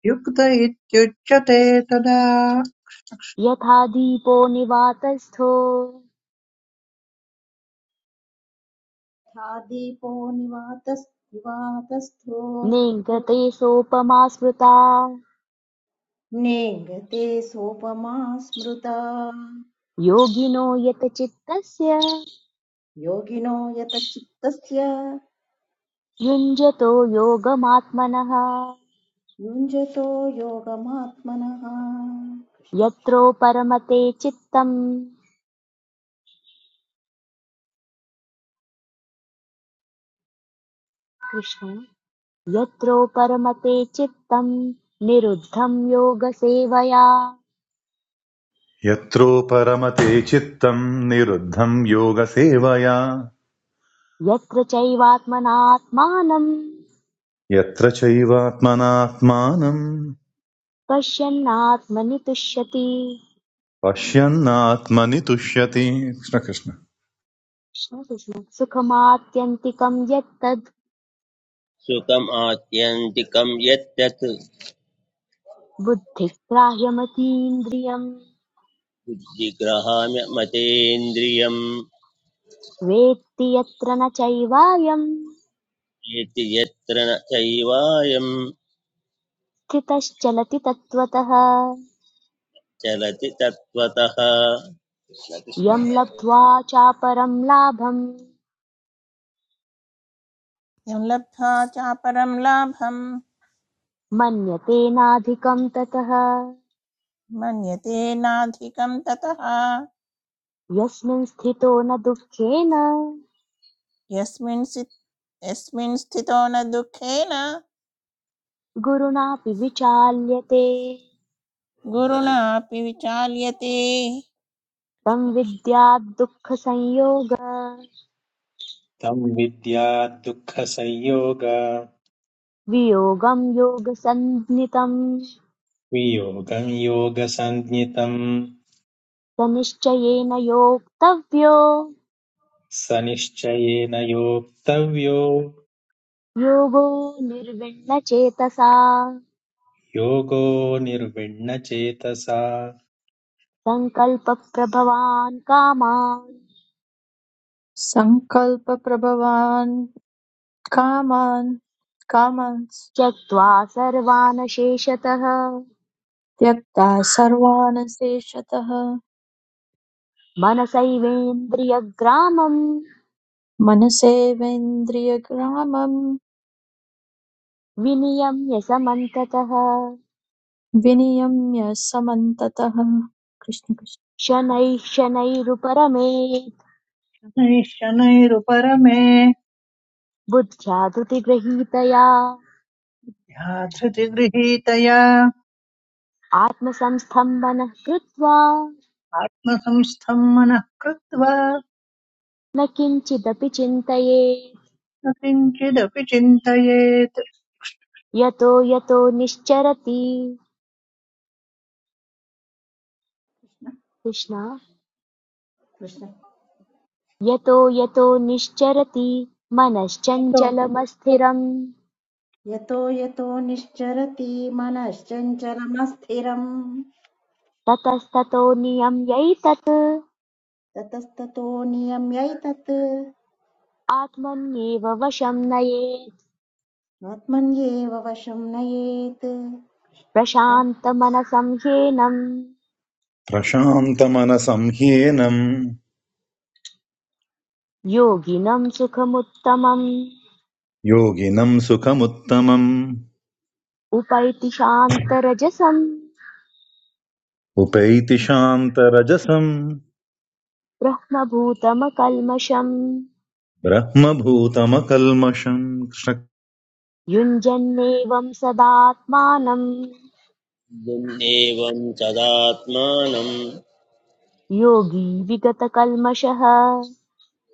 [SPEAKER 6] युक्त इत्युच्यते तदा
[SPEAKER 8] यथा दीपो निवातस्थो
[SPEAKER 7] यथा दीपो निवातस्थो
[SPEAKER 8] नेङ्गते सोपमा स्मृता
[SPEAKER 7] नेङ्गते सोपमा स्मृता
[SPEAKER 8] योगिनो यतचित्तस्य
[SPEAKER 7] योगिनो यत चित्तस्य
[SPEAKER 8] युञ्जतो योगमात्मनः
[SPEAKER 7] युञ्जतो योगमात्मनः
[SPEAKER 8] यत्रो परमते चित्तम् कृष्ण यत्रो परमते चित्तम् निरुद्धं योगसेवया
[SPEAKER 3] यत्रो परमते चित्तम् निरुद्धम् योगसेवया
[SPEAKER 8] यत्र चैवात्मनात्मानं
[SPEAKER 3] यत्र चैवात्मनात्मानम्
[SPEAKER 8] पश्यन्नात्मनि तुष्यति
[SPEAKER 3] पश्यन्नात्मनि तुष्यति कृष्णकृष्ण
[SPEAKER 8] कृष्ण कृष्ण सुखमात्यन्तिकं यत्तद्
[SPEAKER 2] सुखम् आत्यन्तिकं यत् तत्
[SPEAKER 8] बुद्धिग्राह्यमतीन्द्रियम्
[SPEAKER 2] बुद्धिग्रहाम्य मतेन्द्रियम्
[SPEAKER 8] वेत्ति यत्र न चैवायम्
[SPEAKER 2] एति यत्र न चैवायं
[SPEAKER 8] कृतश्चलति तत्त्वतः
[SPEAKER 2] चलति तत्त्वतः
[SPEAKER 8] यं लब्ध्वा चापरं लाभं
[SPEAKER 4] यं लब्ध्वा चापरं लाभं
[SPEAKER 8] मन्यते नाधिकं ततः
[SPEAKER 4] मन्यते नाधिकं ततः
[SPEAKER 8] यस्मिन् स्थितो न दुःखेन
[SPEAKER 4] यस्मिन् सि- यस्मिन् स्थितो न दुःखेन
[SPEAKER 8] गुरुणापि विचाल्यते
[SPEAKER 4] गुरुणापि विचाल्यते
[SPEAKER 8] तं विद्यात् दुःखसंयोग
[SPEAKER 5] तं विद्याद्दुःखसंयोग
[SPEAKER 8] वियोगं योगसन्नितं
[SPEAKER 5] वियोगं योगसञ्ज्ञितम्
[SPEAKER 8] स निश्चयेन योक्तव्यो
[SPEAKER 5] स निश्चयेन योक्तव्यो
[SPEAKER 8] योगो निर्विण्णचेतसा
[SPEAKER 5] योगो निर्विण्णचेतसा
[SPEAKER 8] सङ्कल्पप्रभवान् कामान्
[SPEAKER 9] सङ्कल्पप्रभवान् कामान् कामांस्
[SPEAKER 8] त्यक्त्वा सर्वान् शेषतः
[SPEAKER 9] त्यक्ता सर्वानशेषतः
[SPEAKER 8] मनसैवेन्द्रियग्रामम्
[SPEAKER 9] मनसेवेन्द्रियग्रामं
[SPEAKER 8] विनियम्य समन्ततः
[SPEAKER 9] विनियम्य समन्ततः कृष्ण कृष्ण।
[SPEAKER 8] शनैः शनैरुपरमेत्
[SPEAKER 6] नैश्शनैरुपरमे
[SPEAKER 8] बुद्ध्या धृतिगृहीतया
[SPEAKER 6] ध्याधृतिगृहीतया
[SPEAKER 8] आत्मसंस्थम् मनः कृत्वा
[SPEAKER 6] आत्मसंस्थं मनः कृत्वा
[SPEAKER 8] न किञ्चिदपि चिन्तयेत्
[SPEAKER 6] न किञ्चिदपि चिन्तयेत्
[SPEAKER 8] यतो यतो निश्चरति कृष्ण
[SPEAKER 7] कृष्ण
[SPEAKER 8] यतो यतो निश्चरति
[SPEAKER 7] यतो
[SPEAKER 8] मनश्चञ्चलमस्थिरम्
[SPEAKER 7] यतो यतो निश्चरति मनश्चञ्चलमस्थिरम्
[SPEAKER 8] ततस्ततो नियम्यैतत्
[SPEAKER 7] ततस्ततो नियम्यैतत्
[SPEAKER 8] आत्मन्येव वशं नयेत्
[SPEAKER 7] आत्मन्येव वशं नयेत् कृष्ण
[SPEAKER 8] प्रशान्तमनसं ह्येनं
[SPEAKER 3] प्रशान्तमनसं ह्येनम्
[SPEAKER 8] योगिनं सुखमुत्तमम्
[SPEAKER 3] Yogi nam sukham uttamam
[SPEAKER 8] उपैति शान्तरजसं
[SPEAKER 3] upayitishantara jasam
[SPEAKER 8] ब्रह्मभूतमकल्मषम्
[SPEAKER 3] brahmabhootam kalmasam
[SPEAKER 8] युञ्जन्नेवं सदात्मानं
[SPEAKER 2] एवं तदात्मानं
[SPEAKER 8] योगी विगतकल्मषः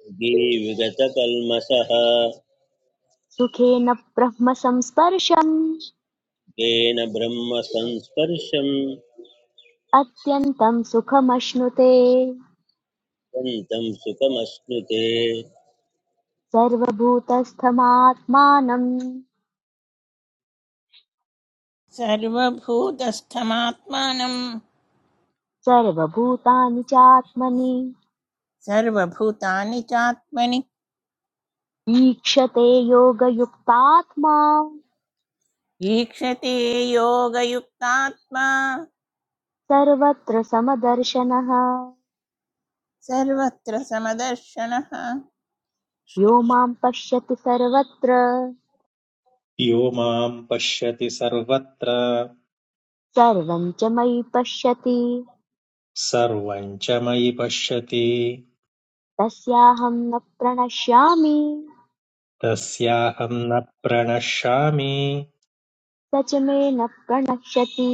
[SPEAKER 2] योगी विगतकल्मषः
[SPEAKER 8] सुखेन ब्रह्म संस्पर्शम्
[SPEAKER 2] येन ब्रह्मसंस्पर्शं
[SPEAKER 8] अत्यन्तं सुखमश्नुते
[SPEAKER 2] सन्तं सुखमश्नुते
[SPEAKER 8] सर्वभूतस्थमात्मानं
[SPEAKER 4] सर्वभूतस्थमात्मानं
[SPEAKER 8] सर्वभूतानि चात्मनि
[SPEAKER 4] सर्वभूतानि चात्मनि
[SPEAKER 8] ईक्षते योगयुक्तात्मा
[SPEAKER 4] ईक्षते योगयुक्तात्मा
[SPEAKER 8] सर्वत्र समदर्शनः
[SPEAKER 4] सर्वत्र समदर्शनः
[SPEAKER 8] यो मां पश्यति सर्वत्र
[SPEAKER 5] यो मां पश्यति सर्वत्र
[SPEAKER 8] सर्वं च मयि पश्यति
[SPEAKER 5] सर्वं च मयि पश्यति
[SPEAKER 8] तस्याहं न प्रणश्यामि
[SPEAKER 5] तस्याहं न प्रणश्यामि
[SPEAKER 8] स च मे न प्रणश्यति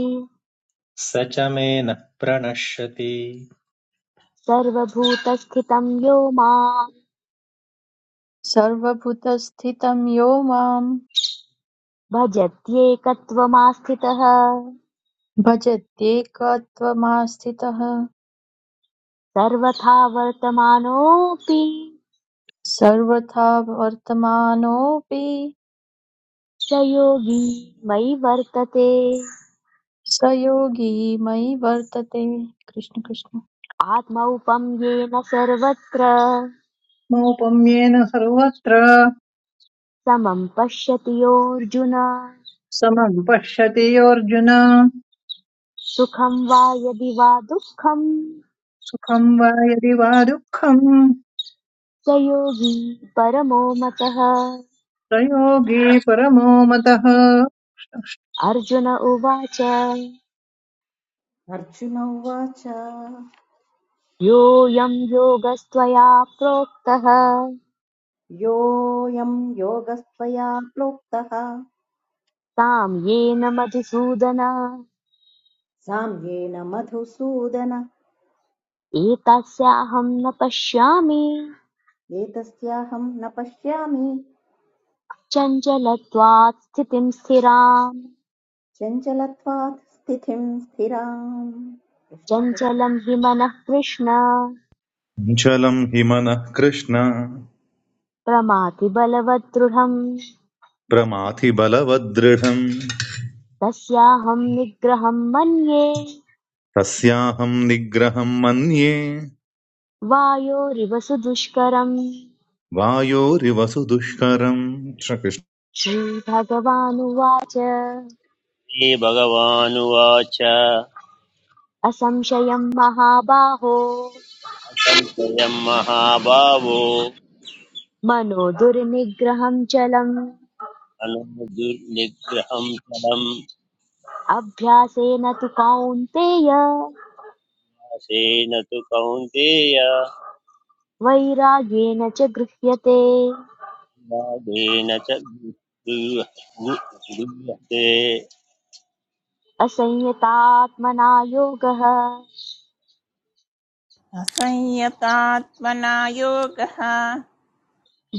[SPEAKER 5] स च मे न प्रणश्यति
[SPEAKER 8] सर्वभूतस्थितं यो मां
[SPEAKER 9] सर्वभूतस्थितं यो मां
[SPEAKER 8] भजत्येकत्वमास्थितः
[SPEAKER 9] भजत्येकत्वमास्थितः
[SPEAKER 8] सर्वथा वर्तमानोऽपि
[SPEAKER 9] सर्वथा वर्तमानोऽपि
[SPEAKER 8] स योगी मयि वर्तते
[SPEAKER 9] स योगी मयि वर्तते कृष्ण कृष्ण
[SPEAKER 8] आत्मौपं येन सर्वत्र
[SPEAKER 6] मौपम्येन सर्वत्र
[SPEAKER 8] समं पश्यति योऽर्जुन
[SPEAKER 6] समं पश्यति योऽर्जुन
[SPEAKER 8] सुखं वा यदि वा दुःखं
[SPEAKER 6] सुखं वा यदि वा दुःखं
[SPEAKER 8] स योगी परमो मतः
[SPEAKER 6] प्रयोगी परमो मतः
[SPEAKER 8] अर्जुन उवाच
[SPEAKER 7] अर्जुन उवाच
[SPEAKER 8] योऽयं योगस्त्वया प्रोक्तः
[SPEAKER 7] योऽयं योगस्त्वया प्रोक्तः
[SPEAKER 8] तां येन मधुसूदन
[SPEAKER 7] साम्येन मधुसूदन
[SPEAKER 8] एतस्याहं न पश्यामि
[SPEAKER 7] एतस्याहं न पश्यामि
[SPEAKER 8] चञ्चलत्वात् स्थितिं स्थिराम्
[SPEAKER 7] चञ्चलत्वात् स्थितिं स्थिराम् कृष्ण कृष्ण
[SPEAKER 8] चञ्चलं हि मनः कृष्ण
[SPEAKER 3] shakuncalam himana krishna
[SPEAKER 8] प्रमाथि बलवद्दृढम्
[SPEAKER 3] pramathi balavadradham
[SPEAKER 8] तस्याहं निग्रहं मन्ये
[SPEAKER 3] tasya ham nigraham anye
[SPEAKER 8] वायोरिव सुदुष्करम्
[SPEAKER 3] vaayorivasudushkaram shakshri
[SPEAKER 8] श्रीभगवानुवाच
[SPEAKER 2] श्रीभगवानुवाच
[SPEAKER 8] असंशयं महाबाहो
[SPEAKER 2] असंशयं महाभावो
[SPEAKER 8] मनो दुर्निग्रहं चलम्
[SPEAKER 2] अननुर्निग्रहं फलम्
[SPEAKER 8] अभ्यासेन तु कौन्तेय
[SPEAKER 2] आसेन तु कौन्तेय
[SPEAKER 8] वैराग्येन च गृह्यते
[SPEAKER 2] वादेन च गृह्- गु- गृह्यते
[SPEAKER 8] असंयतात्मना योगः
[SPEAKER 4] असंयतात्मना योगः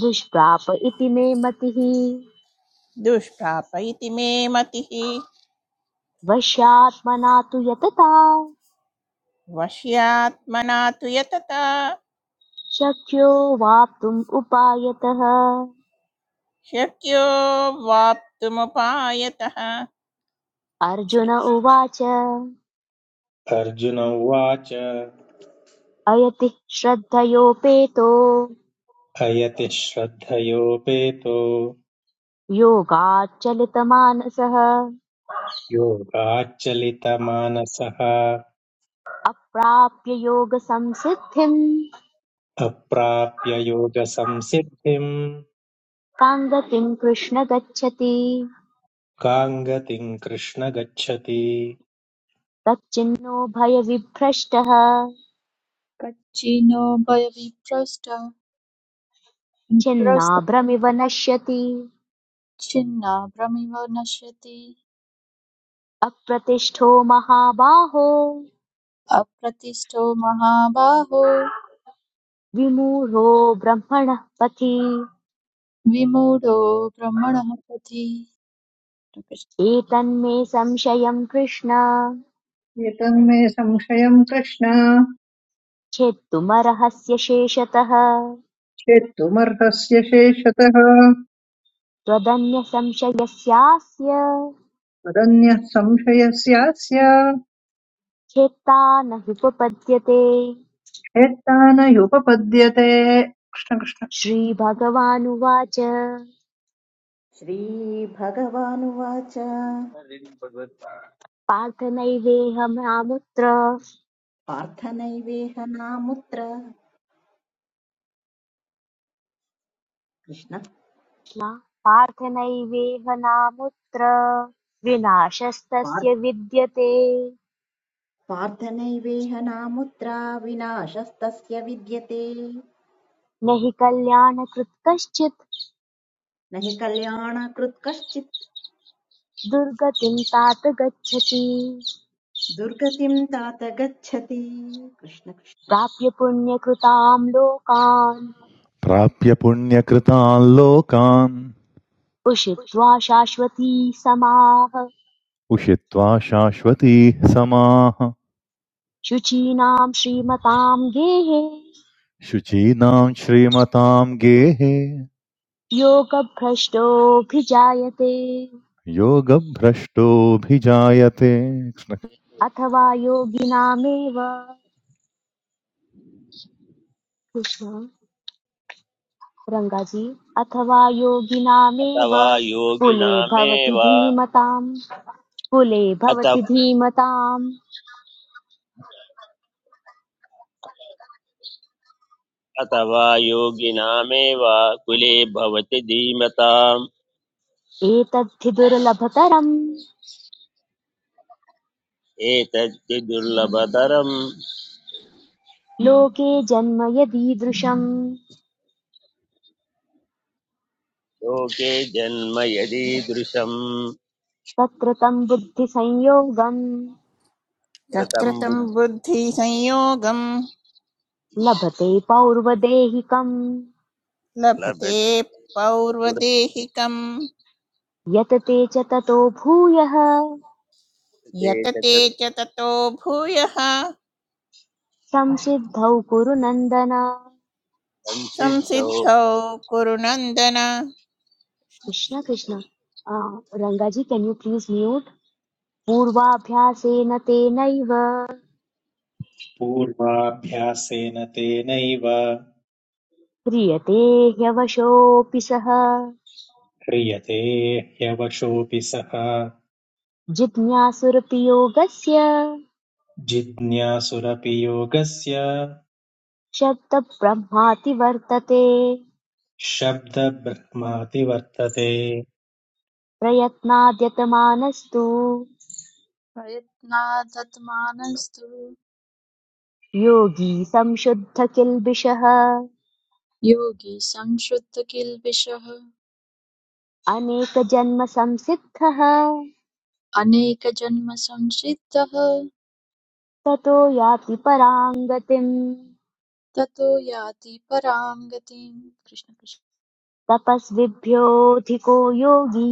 [SPEAKER 8] दुष्प्राप इति मे मतिः
[SPEAKER 4] दुष्प्राप इति मे मतिः
[SPEAKER 8] वश्यात्मना तु यतता
[SPEAKER 4] वश्यात्मना तु यतता
[SPEAKER 8] शक्यो वाप्तुम् उपायतः
[SPEAKER 4] शक्यो वाप्तुमुपायतः कृष्ण
[SPEAKER 8] अर्जुन उवाच
[SPEAKER 5] अर्जुन उवाच
[SPEAKER 8] अयतिः श्रद्धयोपेतो
[SPEAKER 5] हयति श्रद्धयोपेतो
[SPEAKER 8] योगाच्चलितमानसः
[SPEAKER 5] योगाच्चलितमानसः
[SPEAKER 8] अप्राप्य योगसंसिद्धिम्
[SPEAKER 5] अप्राप्य योगसंसिद्धिम्
[SPEAKER 8] काम् गतिम् कृष्ण गच्छति
[SPEAKER 5] काङ्गतिम् कृष्ण गच्छति
[SPEAKER 8] तच्चिन्नो भयविभ्रष्टः
[SPEAKER 9] कच्चिनो भयविभ्रष्ट
[SPEAKER 8] छिन्नाभ्रमिव नश्यति
[SPEAKER 9] छिन्नाभ्रमिव नश्यति
[SPEAKER 8] अप्रतिष्ठो महाबाहो
[SPEAKER 9] अप्रतिष्ठो महाबाहो
[SPEAKER 8] विमूढो ब्रह्मणः पथि
[SPEAKER 9] विमूढो ब्रह्मणः पथि
[SPEAKER 8] एतन्मे संशयं कृष्ण
[SPEAKER 6] एतन्मे संशयं कृष्ण
[SPEAKER 8] छेत्तुमर्हस्य शेषतः
[SPEAKER 6] चेत्तुमर्हस्य शेषतः
[SPEAKER 8] त्वदन्यसंशयस्यास्य
[SPEAKER 6] तदन्यः संशयस्यास्य
[SPEAKER 8] छेत्ता न ह्युपपद्यते
[SPEAKER 6] एतानयुपपद्यते कृष्णकृष्ण
[SPEAKER 8] श्रीभगवानुवाच
[SPEAKER 7] श्रीभगवानुवाच
[SPEAKER 8] पार्थ नैवेह नामुत्र
[SPEAKER 7] पार्थनैवेह नामुत्र कृष्ण
[SPEAKER 8] पार्थ नैवेह नामुत्र विनाशस्तस्य
[SPEAKER 7] पार्-
[SPEAKER 8] विद्यते न
[SPEAKER 7] पार्थनैवेह नामुत्रा विनाशस्तस्य विद्यते
[SPEAKER 8] हि कल्याणकृत् कश्चित्
[SPEAKER 7] न हि कल्याणकृत् कश्चित्
[SPEAKER 8] दुर्गतिं तात गच्छति
[SPEAKER 7] दुर्गतिं तात गच्छति कृष्ण कृष्ण
[SPEAKER 8] प्राप्य पुण्यकृतां लोकान्
[SPEAKER 3] prapyapunya krta alokan
[SPEAKER 8] उषित्वा शाश्वती समाः
[SPEAKER 3] uchitva shashwati samah
[SPEAKER 8] शुचीनां श्रीमतां गेहे
[SPEAKER 3] shuchi nam shri mataam gehe.
[SPEAKER 8] योगभ्रष्टोऽभिजायते
[SPEAKER 3] Yogabhrashto Yogabhrashtoabhijayate. Krishna-
[SPEAKER 8] अथवा योगिनामेव कृष्ण रंगाजी अथवा योगिनामेव
[SPEAKER 2] अथवा
[SPEAKER 8] कुले भवति
[SPEAKER 2] योगिनामेव अथ
[SPEAKER 8] धीमताम् कुले भवति धीमताम्
[SPEAKER 2] अथवा योगिनामेव कुले भवति धीमताम्
[SPEAKER 8] एतद्धि दुर्लभतरम्
[SPEAKER 2] एतद्धि दुर्लभतरं
[SPEAKER 8] लोके जन्म यदीदृशम्
[SPEAKER 2] लोके जन्म यदीदृशं
[SPEAKER 8] तत्र तम् बुद्धिसंयोगम्
[SPEAKER 4] तत्र
[SPEAKER 2] कृतं
[SPEAKER 4] तं बुद्धिसंयोगं
[SPEAKER 8] लभते पौर्वदेहिकं
[SPEAKER 4] लभते
[SPEAKER 2] बुद्धिर्लभते
[SPEAKER 4] पौर्वदेहिकं
[SPEAKER 8] यत् ते च ततो भूयः
[SPEAKER 4] यतते
[SPEAKER 2] च
[SPEAKER 4] च ततो भूयः
[SPEAKER 8] संसिद्धौ कुरु नन्दन
[SPEAKER 2] संसिद्धौ
[SPEAKER 4] संसिद्धौ कुरु नन्दन
[SPEAKER 8] Krishna Krishna uh, Rangaji can you please mute पूर्वाभ्यासेन तेनैव
[SPEAKER 5] पूर्वाभ्यासेन तेनैव
[SPEAKER 8] क्रियते ह्यवशोऽपि सः
[SPEAKER 5] ह्रियते ह्यवशोऽपि सः
[SPEAKER 8] जिज्ञासुरपि
[SPEAKER 5] जिज्ञासुरपि योगस्य
[SPEAKER 8] शब्दब्रह्माति वर्तते
[SPEAKER 5] शब्दब्रह्माति वर्तते
[SPEAKER 8] प्रयत्नाद्यतमानस्तु
[SPEAKER 9] प्रयत्नादत्मानस्तु
[SPEAKER 8] योगी संशुद्ध किल्बिषः
[SPEAKER 9] योगी संशुद्ध किल्बिषः
[SPEAKER 8] अनेकजन्मसंसिद्धः
[SPEAKER 9] अनेकजन्मसंसिद्धः
[SPEAKER 8] ततो याति परां गतिम्
[SPEAKER 9] ततो याति परां गतिम् कृष्ण कृष्ण
[SPEAKER 8] तपस्विभ्योऽधिको योगी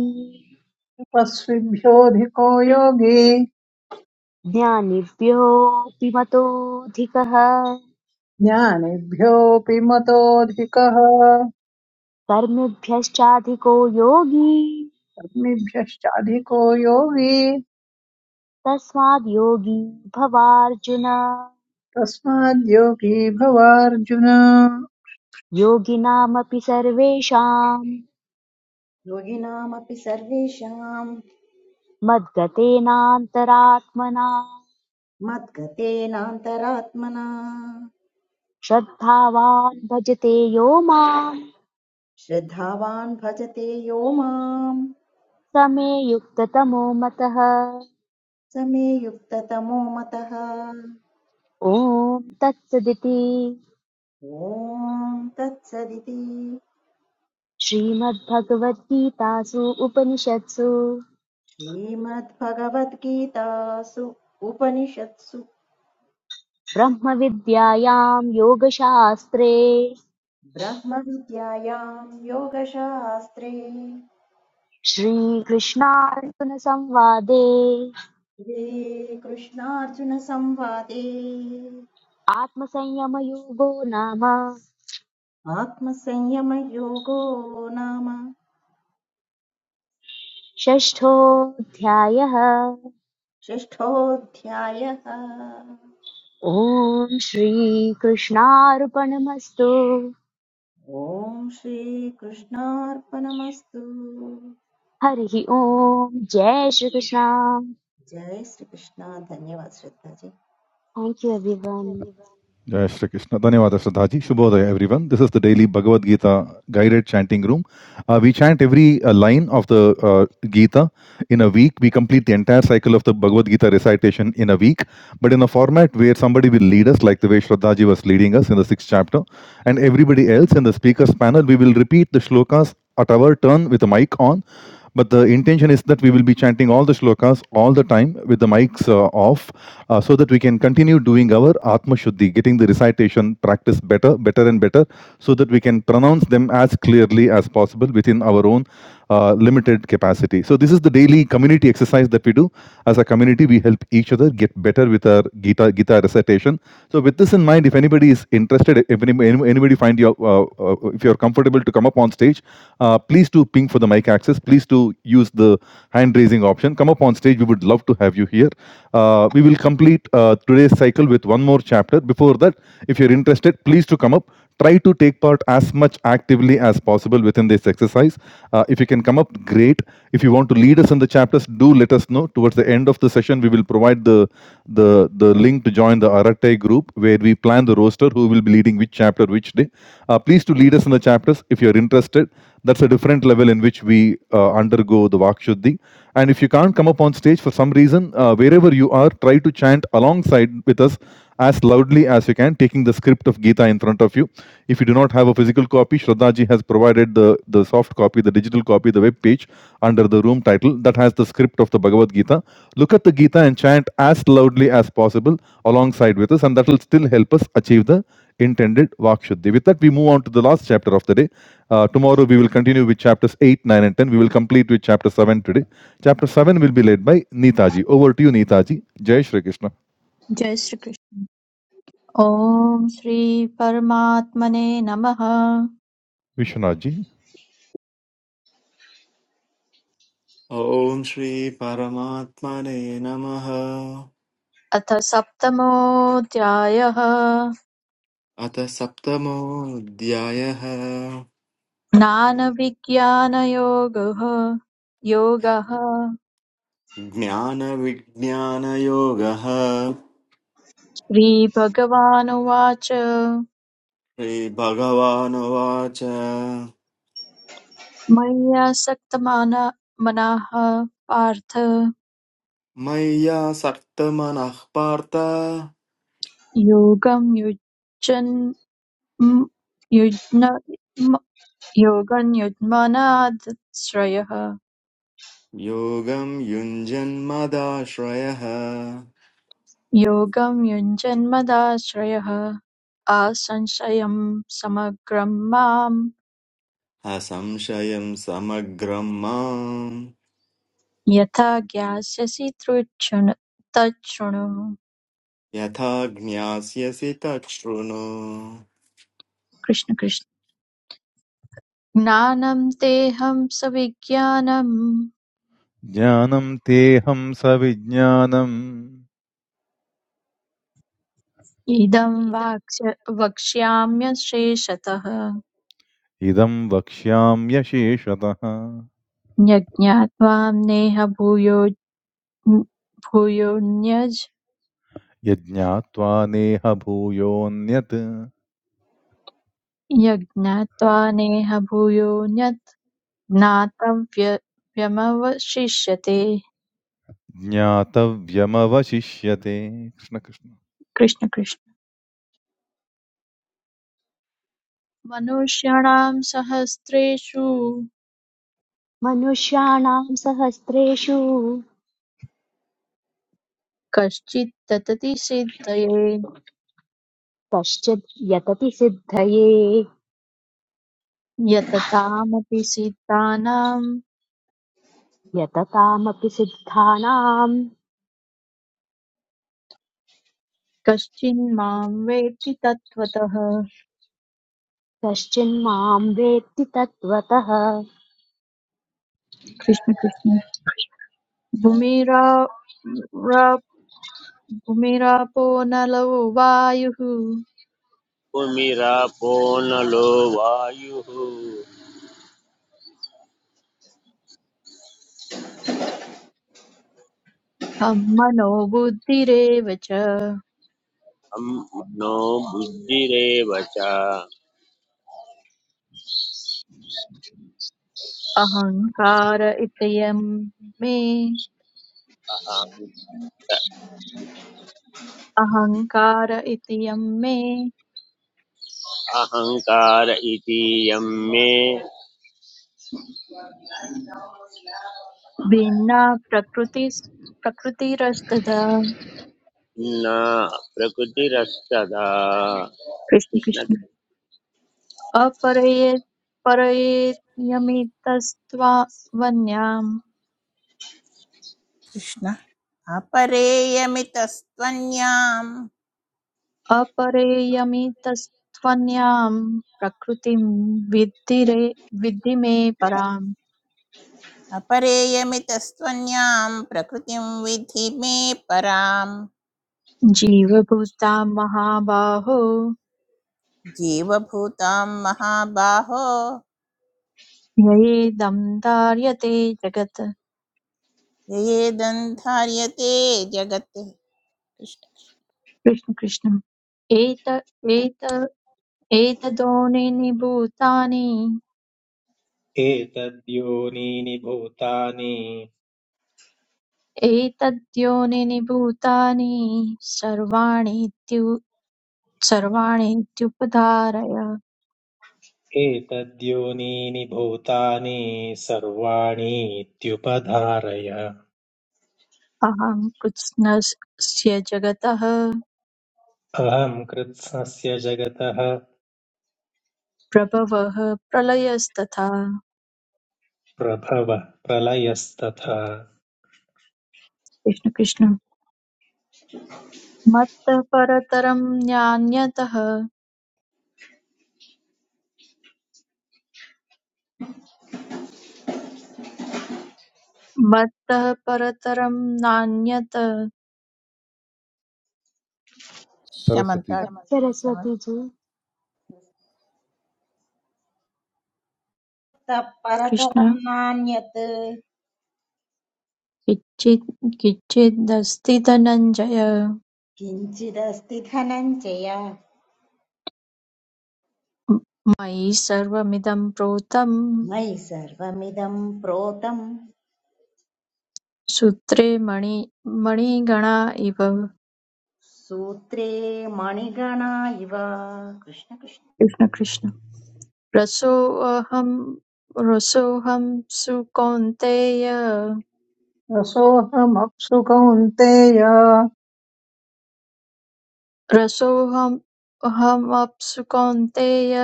[SPEAKER 6] तपस्विभ्योऽधिको योगी
[SPEAKER 8] ज्ञानिभ्योऽपि मतोऽधिकः
[SPEAKER 6] ज्ञानिभ्योऽपि मतोऽधिकः
[SPEAKER 8] कर्मिभ्यश्चाधिको योगी
[SPEAKER 6] कर्मिभ्यश्चाधिको योगी
[SPEAKER 8] तस्माद् योगी भवार्जुन
[SPEAKER 6] तस्माद्योगी भवार्जुन
[SPEAKER 8] योगिनामपि सर्वेषां
[SPEAKER 7] योगिनामपि सर्वेषां
[SPEAKER 8] मद्गतेनान्तरात्मना
[SPEAKER 7] मद्गतेनान्तरात्मना
[SPEAKER 8] श्रद्धावान् भजते यो माम्
[SPEAKER 7] श्रद्धावान् भजते यो माम्
[SPEAKER 8] समे युक्ततमो मतः
[SPEAKER 7] स मे युक्ततमो मतः
[SPEAKER 8] ॐ तत्सदिति
[SPEAKER 7] ॐ तत्सदिति
[SPEAKER 8] श्रीमद्भगवद्गीतासु उपनिषत्सु
[SPEAKER 7] श्रीमद्भगवद्गीतासु उपनिषत्सु
[SPEAKER 8] ब्रह्मविद्यायां योगशास्त्रे
[SPEAKER 7] ब्रह्मविद्यायां योगशास्त्रे
[SPEAKER 8] श्रीकृष्णार्जुनसंवादे
[SPEAKER 7] श्रीकृष्णार्जुनसंवादे
[SPEAKER 8] आत्मसंयमयोगो नाम
[SPEAKER 7] आत्मसंयमयोगो नाम
[SPEAKER 8] षष्ठोऽध्यायः
[SPEAKER 7] षष्ठोऽध्यायः
[SPEAKER 8] ॐ श्रीकृष्णार्पणमस्तु
[SPEAKER 7] ॐ श्रीकृष्णार्पणमस्तु
[SPEAKER 8] हरिः ॐ जय श्रीकृष्ण
[SPEAKER 7] जय श्रीकृष्ण धन्यवाद Shraddhaji
[SPEAKER 8] thank you everyone
[SPEAKER 3] Jai Shri Krishna. Dhanyawada Shraddhaji. Shubhodaya everyone. This is the daily Bhagavad Gita guided chanting room. Uh, we chant every uh, line of the uh, Gita in a week. We complete the entire cycle of the Bhagavad Gita recitation in a week, but in a format where somebody will lead us, like the way Shraddhaji was leading us in the sixth chapter, and everybody else in the speakers panel, we will repeat the shlokas at our turn with the mic on But the intention is that we will be chanting all the shlokas all the time with the mics uh, off uh, so that we can continue doing our Atma Shuddhi, getting the recitation practice better, better and better, so that we can pronounce them as clearly as possible within our own uh, limited capacity. So, this is the daily community exercise that we do. As a community, we help each other get better with our Gita, Gita recitation. So, with this in mind, if anybody is interested, if any, anybody find you, uh, uh, if you're comfortable to come up on stage, uh, please do ping for the mic access. Please do use the hand raising option. Come up on stage. We would love to have you here. Uh, we will complete uh, today's cycle with one more chapter. Before that, if you're interested, please to come up. Try to take part as much actively as possible within this exercise. Uh, if you can come up, great. If you want to lead us in the chapters, do let us know. Towards the end of the session, we will provide the the the link to join the Aratai group where we plan the roster who will be leading which chapter which day. Uh, please to lead us in the chapters. If you're interested interested, that's a different level in which we uh, undergo the Vakshuddhi. And if you can't come up on stage for some reason, uh, wherever you are, try to chant alongside with us as loudly as you can, taking the script of Gita in front of you. If you do not have a physical copy, Shraddhaji has provided the, the soft copy, the digital copy, the web page under the room title that has the script of the Bhagavad Gita. Look at the Gita and chant as loudly as possible alongside with us, and that will still help us achieve the intended Vakshuddhi. With that, we move on to the last chapter of the day uh, tomorrow we will continue with chapters 8, 9, and 10. We will complete with chapter 7 today. Chapter 7 will be led by Neetaji. Over to you, Neetaji. Jai Shri Krishna.
[SPEAKER 9] जय श्रीकृष्ण ॐ श्री परमात्मने नमः
[SPEAKER 3] Vishwanathji.
[SPEAKER 11] ॐ श्री परमात्मने नमः
[SPEAKER 9] अथ सप्तमोऽध्यायः
[SPEAKER 11] अथ सप्तमोऽध्यायः
[SPEAKER 9] ज्ञानविज्ञानयोगः योगः
[SPEAKER 11] ज्ञानविज्ञानयोगः
[SPEAKER 9] श्रीभगवानुवाच
[SPEAKER 11] श्रीभगवानुवाच
[SPEAKER 9] मय्या सक्त मनाः पार्थ
[SPEAKER 11] मय्यासक्तमनः पार्थ
[SPEAKER 9] योगं युज्यन् म- युज्न म- योगं युज्मनादाश्रयः
[SPEAKER 11] योगं युञ्जन्मदाश्रयः
[SPEAKER 9] योगं युञ्जन्मदाश्रयः असंशयं समग्रं मां
[SPEAKER 11] असंशयं समग्रं माम्
[SPEAKER 9] यथा ज्ञास्यसि तृच्छृणु तच्छृणु
[SPEAKER 11] यथा ज्ञास्यसि तच्छृणु
[SPEAKER 9] कृष्ण कृष्ण। ज्ञानं तेहं सविज्ञानम्
[SPEAKER 3] Jnanam teham savijnanam
[SPEAKER 9] इदं वाक्स्य वक्ष्याम्यशेषतः
[SPEAKER 3] idam vakshyamya sheshatah
[SPEAKER 9] यज्ञात्वा नेह भूयो भूयोऽन्यज्
[SPEAKER 3] yajnatva neha bhuyonyat
[SPEAKER 9] यज्ञात्वा नेह भूयोऽन्यत् ज्ञातव्यमवशिष्यते
[SPEAKER 3] ज्ञातव्यमवशिष्यते कृष्ण Krishna
[SPEAKER 9] कृष्ण कृष्ण मनुष्याणां सहस्रेषु
[SPEAKER 8] मनुष्याणां सहस्रेषु
[SPEAKER 9] कश्चित् ततति सिद्धये
[SPEAKER 8] कश्चिद् यतति सिद्धये
[SPEAKER 9] यततामपि सिद्धानां
[SPEAKER 8] यततामपि सिद्धानाम्
[SPEAKER 9] कश्चिन् मां वेत्ति तत्त्वतः
[SPEAKER 8] कश्चिन्माम् वेत्ति तत्त्वतः
[SPEAKER 9] कृष्ण कृष्ण भूमिरा रा- भूमिरापो नलो वायुः
[SPEAKER 2] भूमिरापोनलो वायुः
[SPEAKER 9] अहं मनो बुद्धिरेव च
[SPEAKER 2] अम् मनो बुद्धिरेव च
[SPEAKER 9] अहङ्कार इत्ययं मे
[SPEAKER 2] अहं-
[SPEAKER 9] अहङ्कार इत्ययं मे
[SPEAKER 2] अहङ्कार इति यं मे
[SPEAKER 9] भिन्ना प्रकृति प्रकृतिरस्तदा
[SPEAKER 2] न प्रकृतिरस्तदा
[SPEAKER 9] कृष्ण कृष्ण अपरये परये यमितस्त्वा वन्याम्
[SPEAKER 4] कृष्ण अपरेयमितस्त्वन्याम्
[SPEAKER 9] अपरेयमितस्त्वन्यां प्रकृतिं विद्धि रे- विद्धि मे पराम्
[SPEAKER 4] अपरेयमितस्त्वन्यां प्रकृतिं विधि मे परां
[SPEAKER 9] जीवभूतां महाबाहो
[SPEAKER 4] जीवभूतां महाबाहो
[SPEAKER 9] ययेदं धार्यते जगत्
[SPEAKER 4] ययेदन्धार्यते जगत् कृष्ण
[SPEAKER 9] कृष्ण कृष्ण एत एत एतद्योनिनि भूतानि
[SPEAKER 5] एतद्योनीनि भूतानि
[SPEAKER 9] एतद्योनिनि भूतानि सर्वाणि इत्यु- सर्वाणि इत्युपधारय
[SPEAKER 5] एतद्योनीनि भूतानि सर्वाणीत्युपधारय
[SPEAKER 9] अहं कृत्स्नस्य जगतः
[SPEAKER 5] अहं कृत्स्नस्य जगतः
[SPEAKER 9] प्रभवः प्रलयस्तथा
[SPEAKER 5] प्रभवः प्रलयस्तथा
[SPEAKER 9] कृष्ण कृष्ण मत्तः परतरं नान्यतः मत्तः परतरं नान्यत
[SPEAKER 3] सरस्वती
[SPEAKER 4] शमन्ता
[SPEAKER 3] जी।
[SPEAKER 4] शमन्
[SPEAKER 8] सरस्वती जी
[SPEAKER 7] ततः
[SPEAKER 9] कृष्ण
[SPEAKER 7] परतरम् नान्यत्
[SPEAKER 9] किञ्चित् किञ्चिदस्ति धनञ्जय
[SPEAKER 7] किञ्चिदस्ति धनञ्जय
[SPEAKER 9] मयि सर्वमिदं प्रोतं
[SPEAKER 7] मयि सर्वमिदं प्रोतं
[SPEAKER 9] सूत्रे मणि मणिगणा इव कृष्ण
[SPEAKER 7] सूत्रे मणिगणा इव कृष्ण कृष्ण
[SPEAKER 9] कृष्ण रसोऽहं रसोऽहं सुकौन्तेय
[SPEAKER 6] रसोऽहमप्सु कौन्तेय
[SPEAKER 9] रसोऽहमप्सुकौन्तेय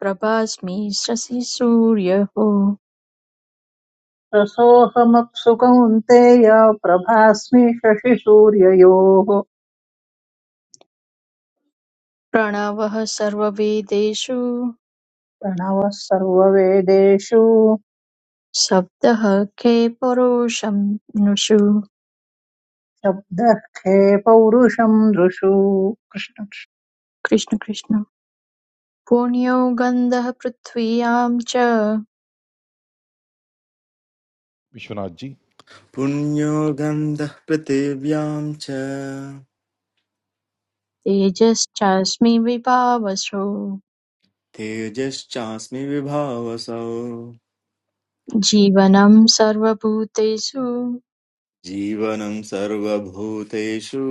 [SPEAKER 9] प्रभास्मि शशि सूर्यः
[SPEAKER 6] रसोऽहमप्सु कौन्तेय प्रभास्मि शशिसूर्ययोः
[SPEAKER 9] प्रणवः सर्ववेदेषु
[SPEAKER 6] प्रणवः सर्ववेदेषु
[SPEAKER 9] शब्दः खे परोऽशं नुषु
[SPEAKER 6] शब्दः खे पौरुषम् दृषु कृष्ण
[SPEAKER 9] कृष्ण कृष्ण पुण्यो गन्धः पृथ्व्यां च
[SPEAKER 3] Bishunadji,
[SPEAKER 11] पुण्यो गन्धः पृथिव्यां च
[SPEAKER 9] तेजश्चास्मि विभावसो
[SPEAKER 11] तेजश्चास्मि विभावसौ
[SPEAKER 9] जीवनं सर्वभूतेषु
[SPEAKER 11] जीवनं सर्वभूतेषु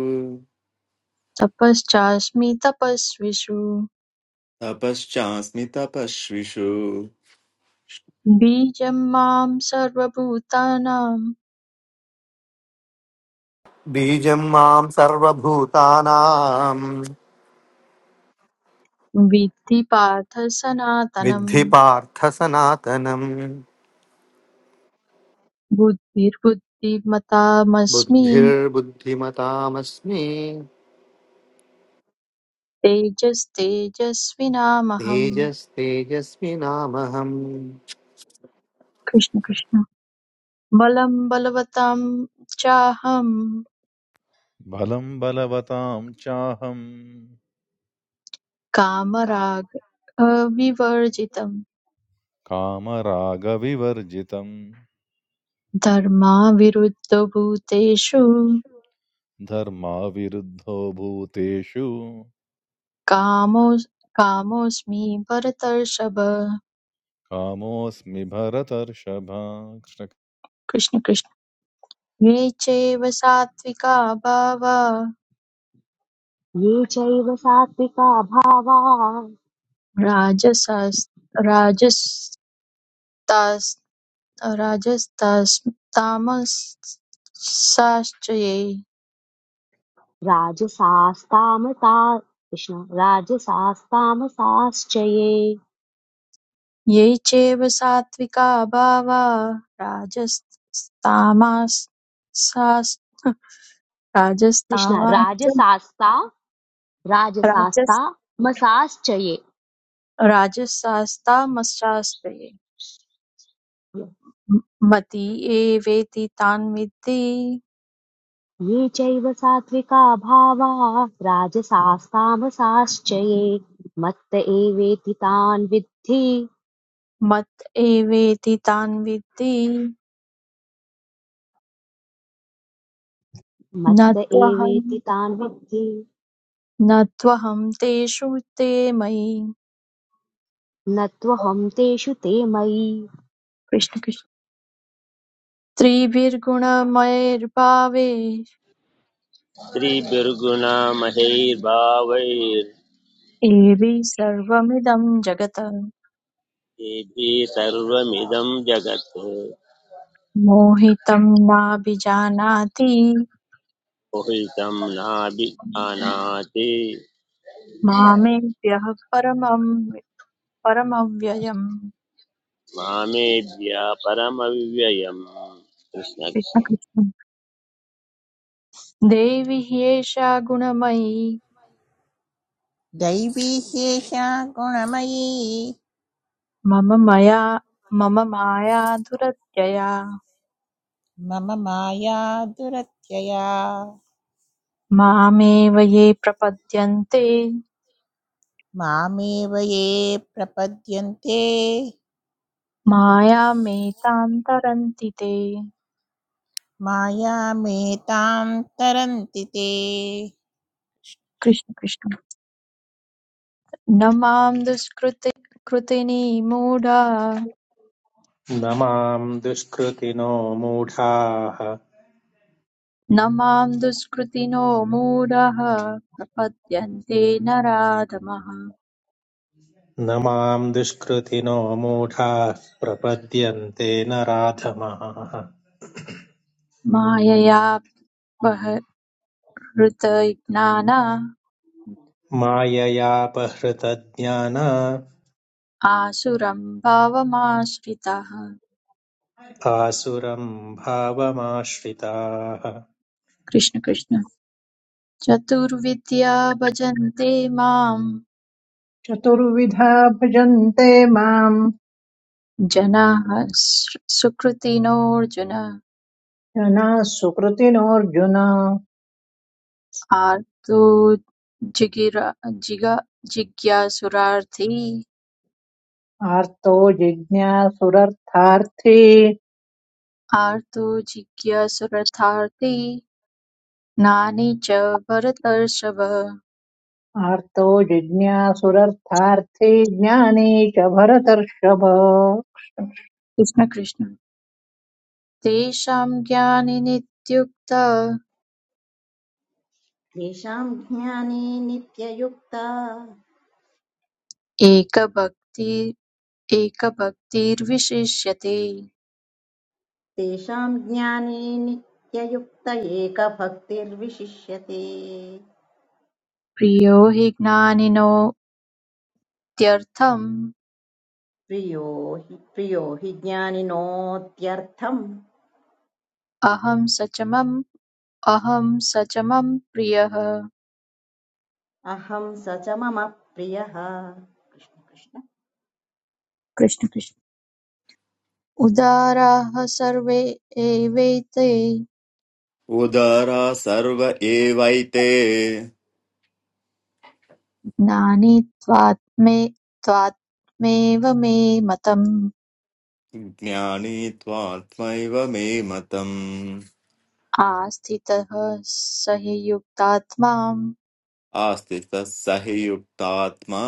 [SPEAKER 9] तपश्चास्मि तपस्विषु
[SPEAKER 11] तपश्चास्मि तपस्विषु
[SPEAKER 9] बीजं मां सर्वभूतानां
[SPEAKER 12] Bijamam sarvabhuta nam,
[SPEAKER 9] विद्धि पार्थ सनातनम्
[SPEAKER 12] vidhipartha sanatanam,
[SPEAKER 9] बुद्धिर्बुद्धिमतामस्मि
[SPEAKER 12] buddhir buddhimata smi,
[SPEAKER 9] तेजस्तेजस्विनामहम्
[SPEAKER 12] tejas tejasmi namah.
[SPEAKER 9] Krishna Krishna बलम् बलवतां चाहम्
[SPEAKER 3] Balam Balavatam Chaham
[SPEAKER 9] कामराग अविवर्जितम्
[SPEAKER 3] Kama Raga Vivarjitam
[SPEAKER 9] धर्मा विरुद्ध भूतेषु
[SPEAKER 3] Dharma Viruddh Bhute Shu
[SPEAKER 9] कामो कामोऽस्मि भरतर्षभ
[SPEAKER 3] Kamosmi Bharatar Shabha.
[SPEAKER 9] Krishna Krishna ये चैव सात्विका भावा
[SPEAKER 8] ये चैव सात्विका भावा
[SPEAKER 9] राजसस् राजस् तास् रजस्तस् तामसाश्चैव
[SPEAKER 8] राजसास्तामता कृष्ण राजसास्तामसाश्च ये
[SPEAKER 9] ये चैव सात्त्विका भावा राजस्तामासास्
[SPEAKER 8] कृष्ण
[SPEAKER 9] राजस्तामाश्च
[SPEAKER 8] राजसास्ता
[SPEAKER 9] राजस्
[SPEAKER 8] राजसास्तामसाश्च ये
[SPEAKER 9] राजसास्तामसाश्च ये मति एवेति तान् विद्धि
[SPEAKER 8] ये चैव सात्विका भावाः राजसास्तामसाश्च ये मत्त एवेति तान् विद्धि
[SPEAKER 9] मत एवेति तान् विद्धि न
[SPEAKER 8] मत्त
[SPEAKER 9] त्वहं
[SPEAKER 8] एवेति तान् विद्धि
[SPEAKER 9] न त्वहं तेषु ते मयि
[SPEAKER 8] न त्वहं तेषु ते मयि
[SPEAKER 9] कृष्ण कृष्ण। त्रिभिर्गुणमयैर्भावे
[SPEAKER 2] कृष्णस्त्रिभिर्गुणमहैर्भावैर्देभिः
[SPEAKER 9] एवि सर्वमिदं जगत्
[SPEAKER 2] सर्वमिदं जगत्
[SPEAKER 9] मोहितं नाभिजानाति
[SPEAKER 2] मोहितं नाभिजानाति
[SPEAKER 9] मामेव्यः परमं परमव्ययम्
[SPEAKER 2] मामेभ्य परमव्ययम्
[SPEAKER 9] कृष्ण
[SPEAKER 2] कृष्णकृष्ण
[SPEAKER 9] कृष्ण। देवि ह्येषा गुणमयी
[SPEAKER 4] दैवी शेषा गुणमयी
[SPEAKER 9] मम मया मम माया दुरत्यया
[SPEAKER 4] मम माया दुरत्यया
[SPEAKER 9] मामेव ये प्रपद्यन्ते
[SPEAKER 4] मामेव ये प्रपद्यन्ते
[SPEAKER 9] मायामेतां तरन्ति ते
[SPEAKER 4] मायामेतां तरन्ति ते
[SPEAKER 9] कृष्ण कृष्ण न मां दुष्कृति कृतिनी मूढा
[SPEAKER 5] न मां दुष्कृतिनो मूढाः
[SPEAKER 9] न मां दुष्कृतिनो मूढः प्रपद्यन्ते नराधमः
[SPEAKER 5] न मां दुष्कृतिनो मूढाः प्रपद्यन्ते नराधमाः
[SPEAKER 9] मायया बहृतज्ञाना
[SPEAKER 5] माययापहृतज्ञान
[SPEAKER 9] आसुरं भावमाश्रिताः
[SPEAKER 5] आसुरं भावमाश्रिताः
[SPEAKER 9] कृष्ण कृष्ण चतुर्विद्या भजन्ते मां
[SPEAKER 6] चतुर्विधा भजन्ते माम्
[SPEAKER 9] जनाः सु- सुकृतिनोऽर्जुन
[SPEAKER 6] जना सुकृतिनोऽर्जुन
[SPEAKER 9] आर्तो जिगिरा जिगा जिज्ञासुरार्थी
[SPEAKER 6] आर्तो जिज्ञासुरर्थार्थी
[SPEAKER 9] आर्तो जिज्ञासुरथार्थे ज्ञानी च भरतर्षभ
[SPEAKER 6] आर्तो जिज्ञासुरर्थार्थी ज्ञानी च भरतर्षभ
[SPEAKER 9] कृष्ण कृष्ण तेषां ज्ञानिनित्युक्त
[SPEAKER 7] तेषां ज्ञाने नित्ययुक्ता
[SPEAKER 9] एकभक्ति एकभक्तिर्विशिष्यते
[SPEAKER 7] तेषां ज्ञाने नित्ययुक्त एकभक्तिर्विशिष्यते
[SPEAKER 9] प्रियो हि ज्ञानिनोत्यर्थम्
[SPEAKER 7] प्रियो हि प्रियो हि ज्ञानिनोत्यर्थम्
[SPEAKER 9] अहं सचमम् अहं सचमं प्रियः
[SPEAKER 7] अहं स च मम प्रियः कृष्ण कृष्ण
[SPEAKER 9] कृष्ण कृष्ण उदाराः सर्वे एवैते
[SPEAKER 11] उदरा सर्व एवैते
[SPEAKER 9] नानि त्वात्मे त्वात्मेव मे मतम्
[SPEAKER 11] ज्ञानी त्वात्मैव मे मतम्
[SPEAKER 9] आस्थितः स हि युक्तात्मा
[SPEAKER 11] आस्तितः स हि युक्तात्मा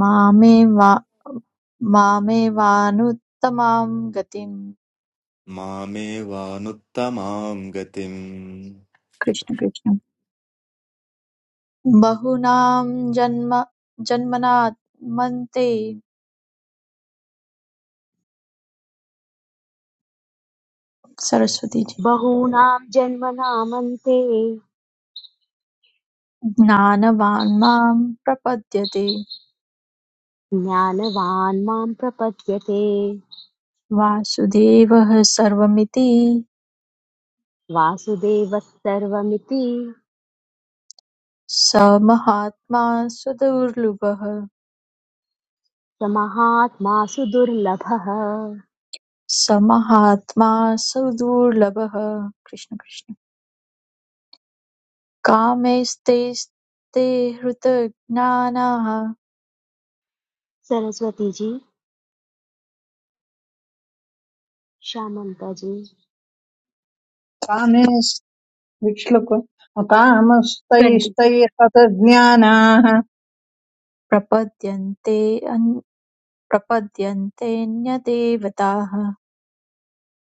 [SPEAKER 9] मामे मामेवानुत्तमां गतिम्
[SPEAKER 11] मामेवानुत्तमां गतिम्
[SPEAKER 9] कृष्ण कृष्ण बहूनां जन्म जन्मनामन्ते सरस्वती जी
[SPEAKER 8] बहूनां जन्मनामन्ते
[SPEAKER 9] ज्ञानवान् मां प्रपद्यते
[SPEAKER 8] ज्ञानवान् मां प्रपद्यते
[SPEAKER 9] वासुदेवः सर्वमिति
[SPEAKER 8] वासुदेवः सर्वमिति
[SPEAKER 9] स महात्मा सुदुर्लभः
[SPEAKER 8] स महात्मासु दुर्लभः
[SPEAKER 9] स महात्मा सुदुर्लभः कृष्ण कृष्ण कामैस्तैस्ते हृतज्ञानाः
[SPEAKER 8] सरस्वती जी श्यामन्ता जी
[SPEAKER 6] कामे विक्ष्लुक
[SPEAKER 9] ट्वेण्टि
[SPEAKER 6] कामस्तैस्तैहतज्ञानाः
[SPEAKER 9] प्रपद्यन्ते अन्- प्रपद्यन्तेऽन्यदेवताः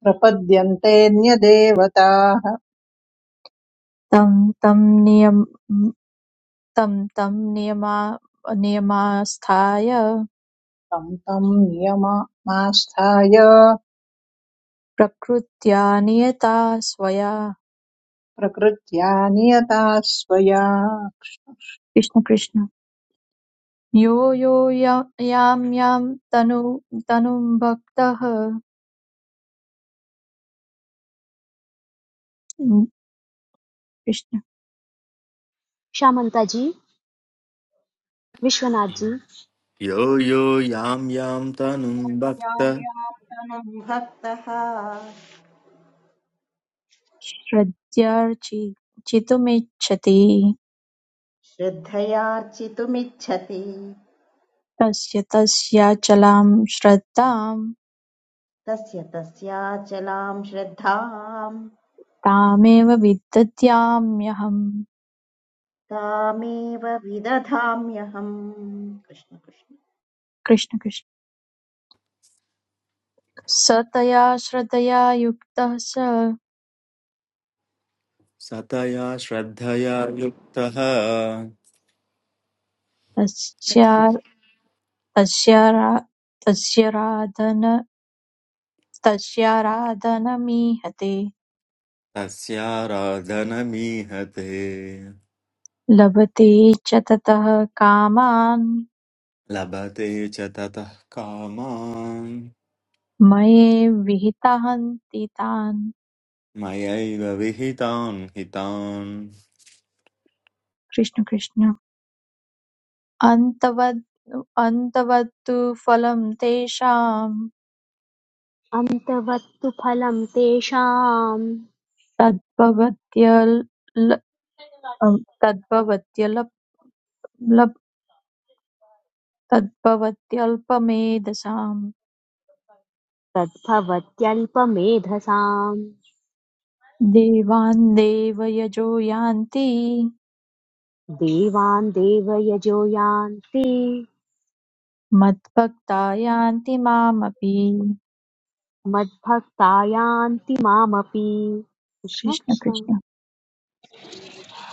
[SPEAKER 6] प्रपद्यन्ते न्यदेवताः
[SPEAKER 9] तं तं नियम तं तं नियमा नियमास्थाय
[SPEAKER 6] तं तं नियममास्थाय
[SPEAKER 9] प्रकृत्या नियता स्वया
[SPEAKER 6] प्रकृत्या नियता स्वया
[SPEAKER 9] कृष्ण कृष्ण यो यो या- यां यां तनु तनुं भक्तः कृष्ण
[SPEAKER 8] श्यामन्ता जी विश्वनाथ जी
[SPEAKER 11] यो यो यां यां तनुं
[SPEAKER 7] यां
[SPEAKER 11] भक्त
[SPEAKER 7] यां तनुं भक्तः
[SPEAKER 9] श्रद्धार्चि चितुमिच्छति
[SPEAKER 7] श्रद्धयार्चितुमिच्छति
[SPEAKER 9] तस्य तस्याचलां श्रद्धां
[SPEAKER 7] तस्य तस्याचलां श्रद्धाम्
[SPEAKER 9] तामेव विदधाम्यहम्
[SPEAKER 7] तामेव विदधाम्यहम् कृष्ण कृष्ण
[SPEAKER 9] कृष्ण कृष्ण स तया श्रद्धया युक्तः स
[SPEAKER 11] सतया श्रद्धया युक्तः
[SPEAKER 9] तस्या तस्यारा- तस्याराधन तस्याराधनमीहते
[SPEAKER 11] तस्याराधनमीहते
[SPEAKER 9] लभते च ततः कामान्
[SPEAKER 11] लभते च ततः कामान्
[SPEAKER 9] मये विहितान्ति तान्
[SPEAKER 11] मयैव विहितान् हितान्
[SPEAKER 9] कृष्ण कृष्ण अन्तवद् अन्तवत्तु फलं तेषां
[SPEAKER 8] अन्तवत्तु फलं तेषां
[SPEAKER 9] तद्भवत्यल् तद्भवत्यलप् तद्भवत्यल्पमेधसाम्
[SPEAKER 8] तद्भवत्यल्पमेधसाम्
[SPEAKER 9] देवान् देवयजो यान्ति
[SPEAKER 8] देवान् देवयजो यान्ति
[SPEAKER 9] मद्भक्ता यान्ति मामपि
[SPEAKER 8] मद्भक्ता यान्ति मामपि कृष्ण
[SPEAKER 9] कृष्ण
[SPEAKER 8] कृष्ण
[SPEAKER 9] कृष्ण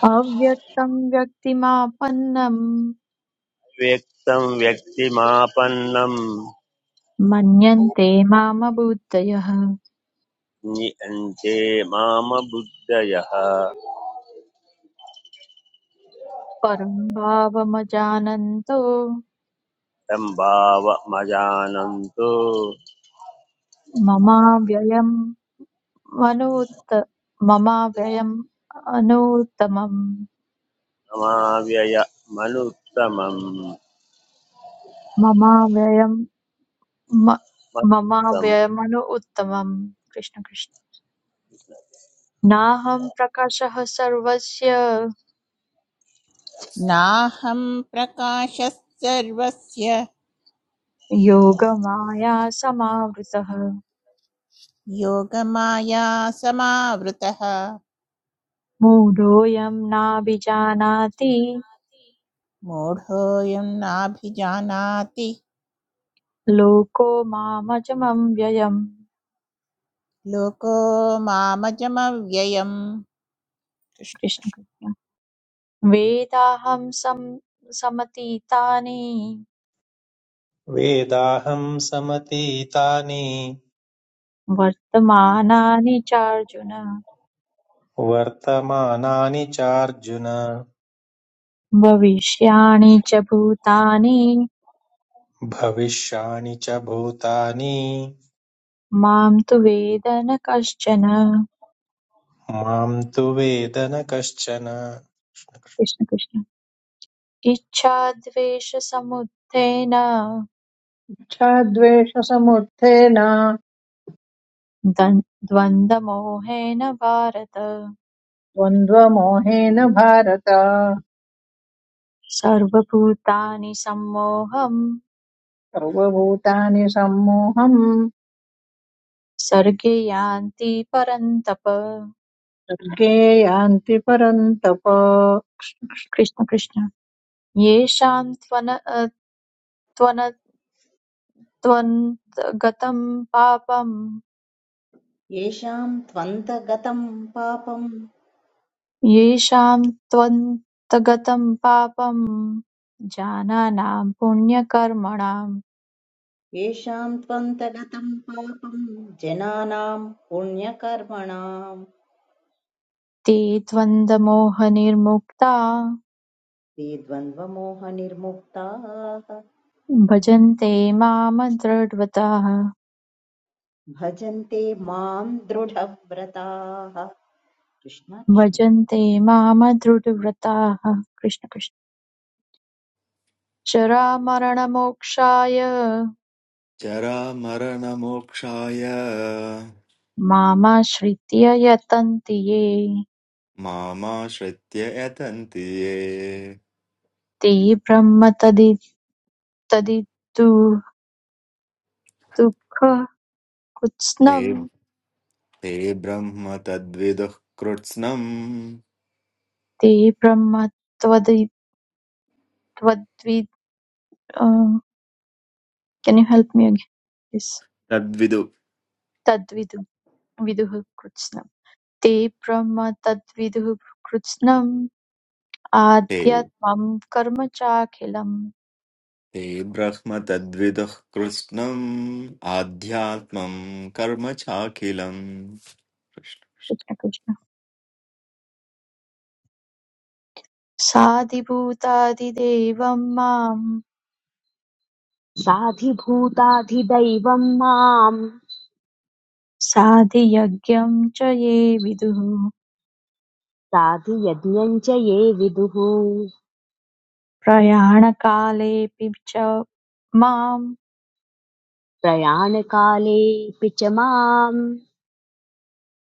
[SPEAKER 9] अव्यक्तं व्यक्तिमापन्नं
[SPEAKER 2] व्यक्तं व्यक्तिमापन्नं
[SPEAKER 9] मन्यन्ते माम बुद्धयः
[SPEAKER 2] नियन्ते माम बुद्धयः
[SPEAKER 9] परं भावमजानन्तो
[SPEAKER 2] सम्भाव मजानन्तु
[SPEAKER 9] ममाव्ययम् वनूत मम व्ययम् अनूत्तमम्
[SPEAKER 2] समाव्यय मनुत्तमं
[SPEAKER 9] मम व्ययम् म- मम
[SPEAKER 2] मत्तमम्
[SPEAKER 9] व्ययमनु उत्तमम् कृष्ण कृष्ण नाहं प्रकाशः सर्वस्य
[SPEAKER 4] नाहं प्रकाशः सर्वस्य
[SPEAKER 9] योगमाया समावृतः
[SPEAKER 4] योगमाया समावृतः
[SPEAKER 9] मूढोऽयं नाभिजानाति
[SPEAKER 4] మూఢోయం నాభిజానాతి
[SPEAKER 9] लोको मामजमं व्ययम्
[SPEAKER 4] లోకో మామజమవ్యయం కృష్ణ
[SPEAKER 9] कृष्ण
[SPEAKER 4] కృష్ణ
[SPEAKER 9] कृष्ण वेदाहं सम समतीतानि
[SPEAKER 5] वेदाहं समतीतानि
[SPEAKER 9] वर्तमानानि च अर्जुन
[SPEAKER 5] वर्तमानानि चार्जुन
[SPEAKER 9] भविष्याणि च भूतानि
[SPEAKER 5] भविष्याणि च भूतानि
[SPEAKER 9] मां तु वेद न कश्चन
[SPEAKER 5] मां तु वेद न कश्चन
[SPEAKER 9] कृष्ण कृष्ण इच्छाद्वेषसमुत्थेन
[SPEAKER 6] इच्छाद्वेषसमुत्थेन
[SPEAKER 9] दन्- द्वन्द्वमोहेन भारत
[SPEAKER 6] द्वन्द्वमोहेन भारत
[SPEAKER 9] सर्वभूतानि सम्मोहं
[SPEAKER 6] सर्वभूतानि सम्मोहम्
[SPEAKER 9] सर्गे यान्ति परन्तप
[SPEAKER 6] स्वर्गे यान्ति परन्तप
[SPEAKER 9] कृष्ण कृष्ण येषां त्वन त्वन त्वन्तगतं पापम्
[SPEAKER 7] येषां त्वन्तगतं पापम्
[SPEAKER 9] येषां त्वन्तगतं पापं जानानां पुण्यकर्मणां
[SPEAKER 7] येषां त्वन्तगतं पापम् जनानां पुण्यकर्मणां
[SPEAKER 9] ते त्वन्दमोहनिर्मुक्ता
[SPEAKER 7] ते द्वन्द्वमोहनिर्मुक्ताः
[SPEAKER 9] भजन्ते मां दृढव्रताः
[SPEAKER 7] भजन्ते मां दृढव्रताः कृष्ण कृष्ण
[SPEAKER 9] भजन्ते मां दृढव्रताः कृष्ण कृष्ण जरामरणमोक्षाय
[SPEAKER 11] जरामरणमोक्षाय
[SPEAKER 9] मामाश्रित्य यतन्ति ये
[SPEAKER 11] मामाश्रित्य यतन्ति ये
[SPEAKER 9] ते ब्रह्म तदि तदितु दुःखकृत्स्नं
[SPEAKER 11] ते ते ब्रह्म तद्विदुः कृत्स्नम्
[SPEAKER 9] ते ब्रह्म त्वदि Tadvid, uh, can you help me again, please?
[SPEAKER 11] तद्विदु
[SPEAKER 9] Tadvidu, viduhu krutznam. Te brahma tadviduhu krutznam. Adhyatmam karma chakhilam.
[SPEAKER 11] ते ब्रह्म तद्विदुः कृत्स्नम् आध्यात्मम् कर्म चाखिलम् कृष्ण-
[SPEAKER 9] Krishna Krishna. साधिभूतादिदेवं मां
[SPEAKER 8] साधिभूताधिदैवं माम्
[SPEAKER 9] साधियज्ञं च ये विदुः
[SPEAKER 8] साधियज्ञम् च ये विदुः
[SPEAKER 9] प्रयाणकालेऽपि च मां
[SPEAKER 8] प्रयाणकालेऽपि च माम्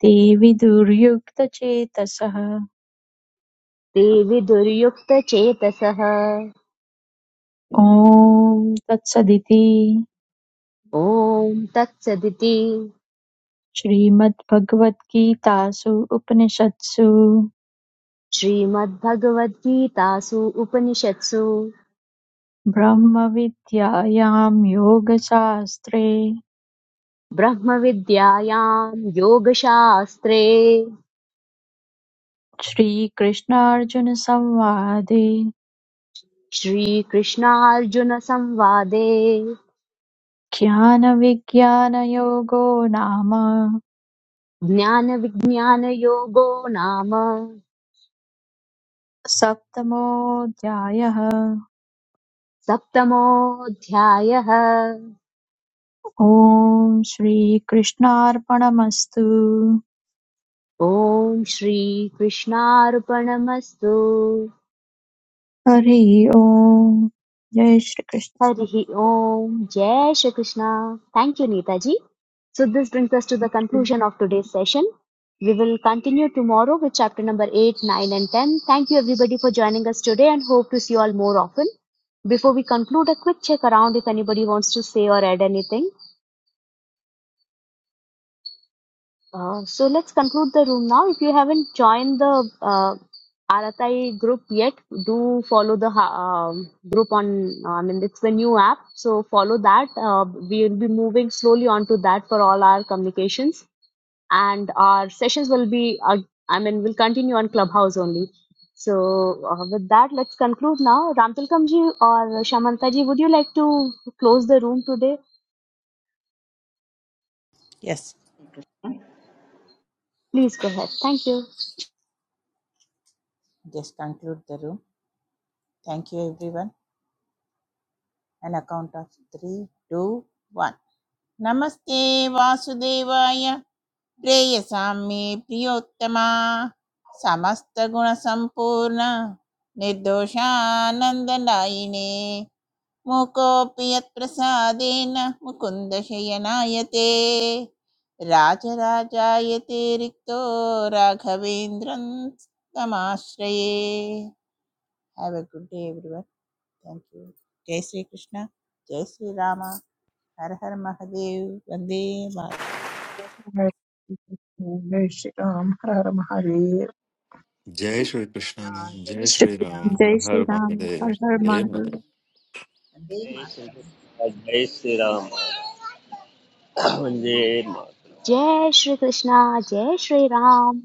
[SPEAKER 9] ते विदुर्युक्तचेतसः
[SPEAKER 8] ते विदुर्युक्तचेतसः
[SPEAKER 9] ॐ तत्सदिति
[SPEAKER 8] ॐ तत्सदिति
[SPEAKER 9] श्रीमद्भगवद्गीतासु उपनिषत्सु
[SPEAKER 8] श्रीमद्भगवद्गीतासु उपनिषत्सु
[SPEAKER 9] ब्रह्मविद्यायां योगशास्त्रे
[SPEAKER 8] ब्रह्मविद्यायां योगशास्त्रे
[SPEAKER 9] श्रीकृष्णार्जुनसंवादे
[SPEAKER 8] श्रीकृष्णार्जुनसंवादे
[SPEAKER 9] ज्ञानविज्ञानयोगो नाम
[SPEAKER 8] ज्ञानविज्ञानयोगो नाम
[SPEAKER 9] सप्तमोऽध्यायः
[SPEAKER 8] सप्तमोऽध्यायः
[SPEAKER 9] ॐ श्रीकृष्णार्पणमस्तु
[SPEAKER 8] ॐ श्रीकृष्णार्पणमस्तु
[SPEAKER 9] हरि ओम् जय Shrikrishna
[SPEAKER 8] Harihi Om, Jai Shri Krishna. Thank you, Neetaji. So this brings us to the
[SPEAKER 9] जय
[SPEAKER 8] conclusion of today's session. We will continue tomorrow with chapter number 8, 9 and 10. Thank you everybody for joining us today and hope to see you all more often. Before we conclude, a quick check around if anybody wants to say or add anything. Uh, so let's conclude the room now. If you haven't joined the uh, Aratai group yet, do follow the ha- um group on. uh, I mean, it's the new app, so follow that. Uh, we will be moving slowly onto that for all our communications, and our sessions will be. Uh, I mean, will continue on Clubhouse only. So uh, with that, let's conclude now. Ramtilkamji or Shamantaji, would you like to close the room today?
[SPEAKER 4] Yes
[SPEAKER 8] Please go ahead. Thank you.
[SPEAKER 4] Just conclude the room thank you everyone and account of three two one నమస్తే వాసుదేవాయ ప్రేయసామ్యే ప్రియోత్తమా సమస్త గుణ సంపూర్ణ నిర్దోషానందనాయినే मूकोऽपि यत्प्रसादेन मुकुन्दशयनायते राजराजायते रिक्तो राघवेन्द्रं तमाश्रये have a good day everyone thank you जय श्री कृष्ण जय श्री राम हर हर महादेव वन्दे मातरम्।
[SPEAKER 6] जय श्रीराम हर हर महादेव
[SPEAKER 11] जय
[SPEAKER 7] कृष्ण
[SPEAKER 11] श्रीकृष्ण
[SPEAKER 7] जय
[SPEAKER 11] जय श्रीराम
[SPEAKER 9] श्रीकृष्ण
[SPEAKER 7] श्रीराम
[SPEAKER 11] हर
[SPEAKER 9] जय
[SPEAKER 11] हर
[SPEAKER 9] श्रीराम
[SPEAKER 11] महादेव
[SPEAKER 9] हर
[SPEAKER 7] ഹര
[SPEAKER 9] हर
[SPEAKER 7] ഹര
[SPEAKER 11] देव
[SPEAKER 9] महादेव
[SPEAKER 7] മഹാദേവ വന്ദേ
[SPEAKER 2] जय श्री
[SPEAKER 7] മാതരം
[SPEAKER 2] राम, जय श्रीराम वन्दे मातरम्।
[SPEAKER 8] Jai Shri Krishna, Jai Shri Ram.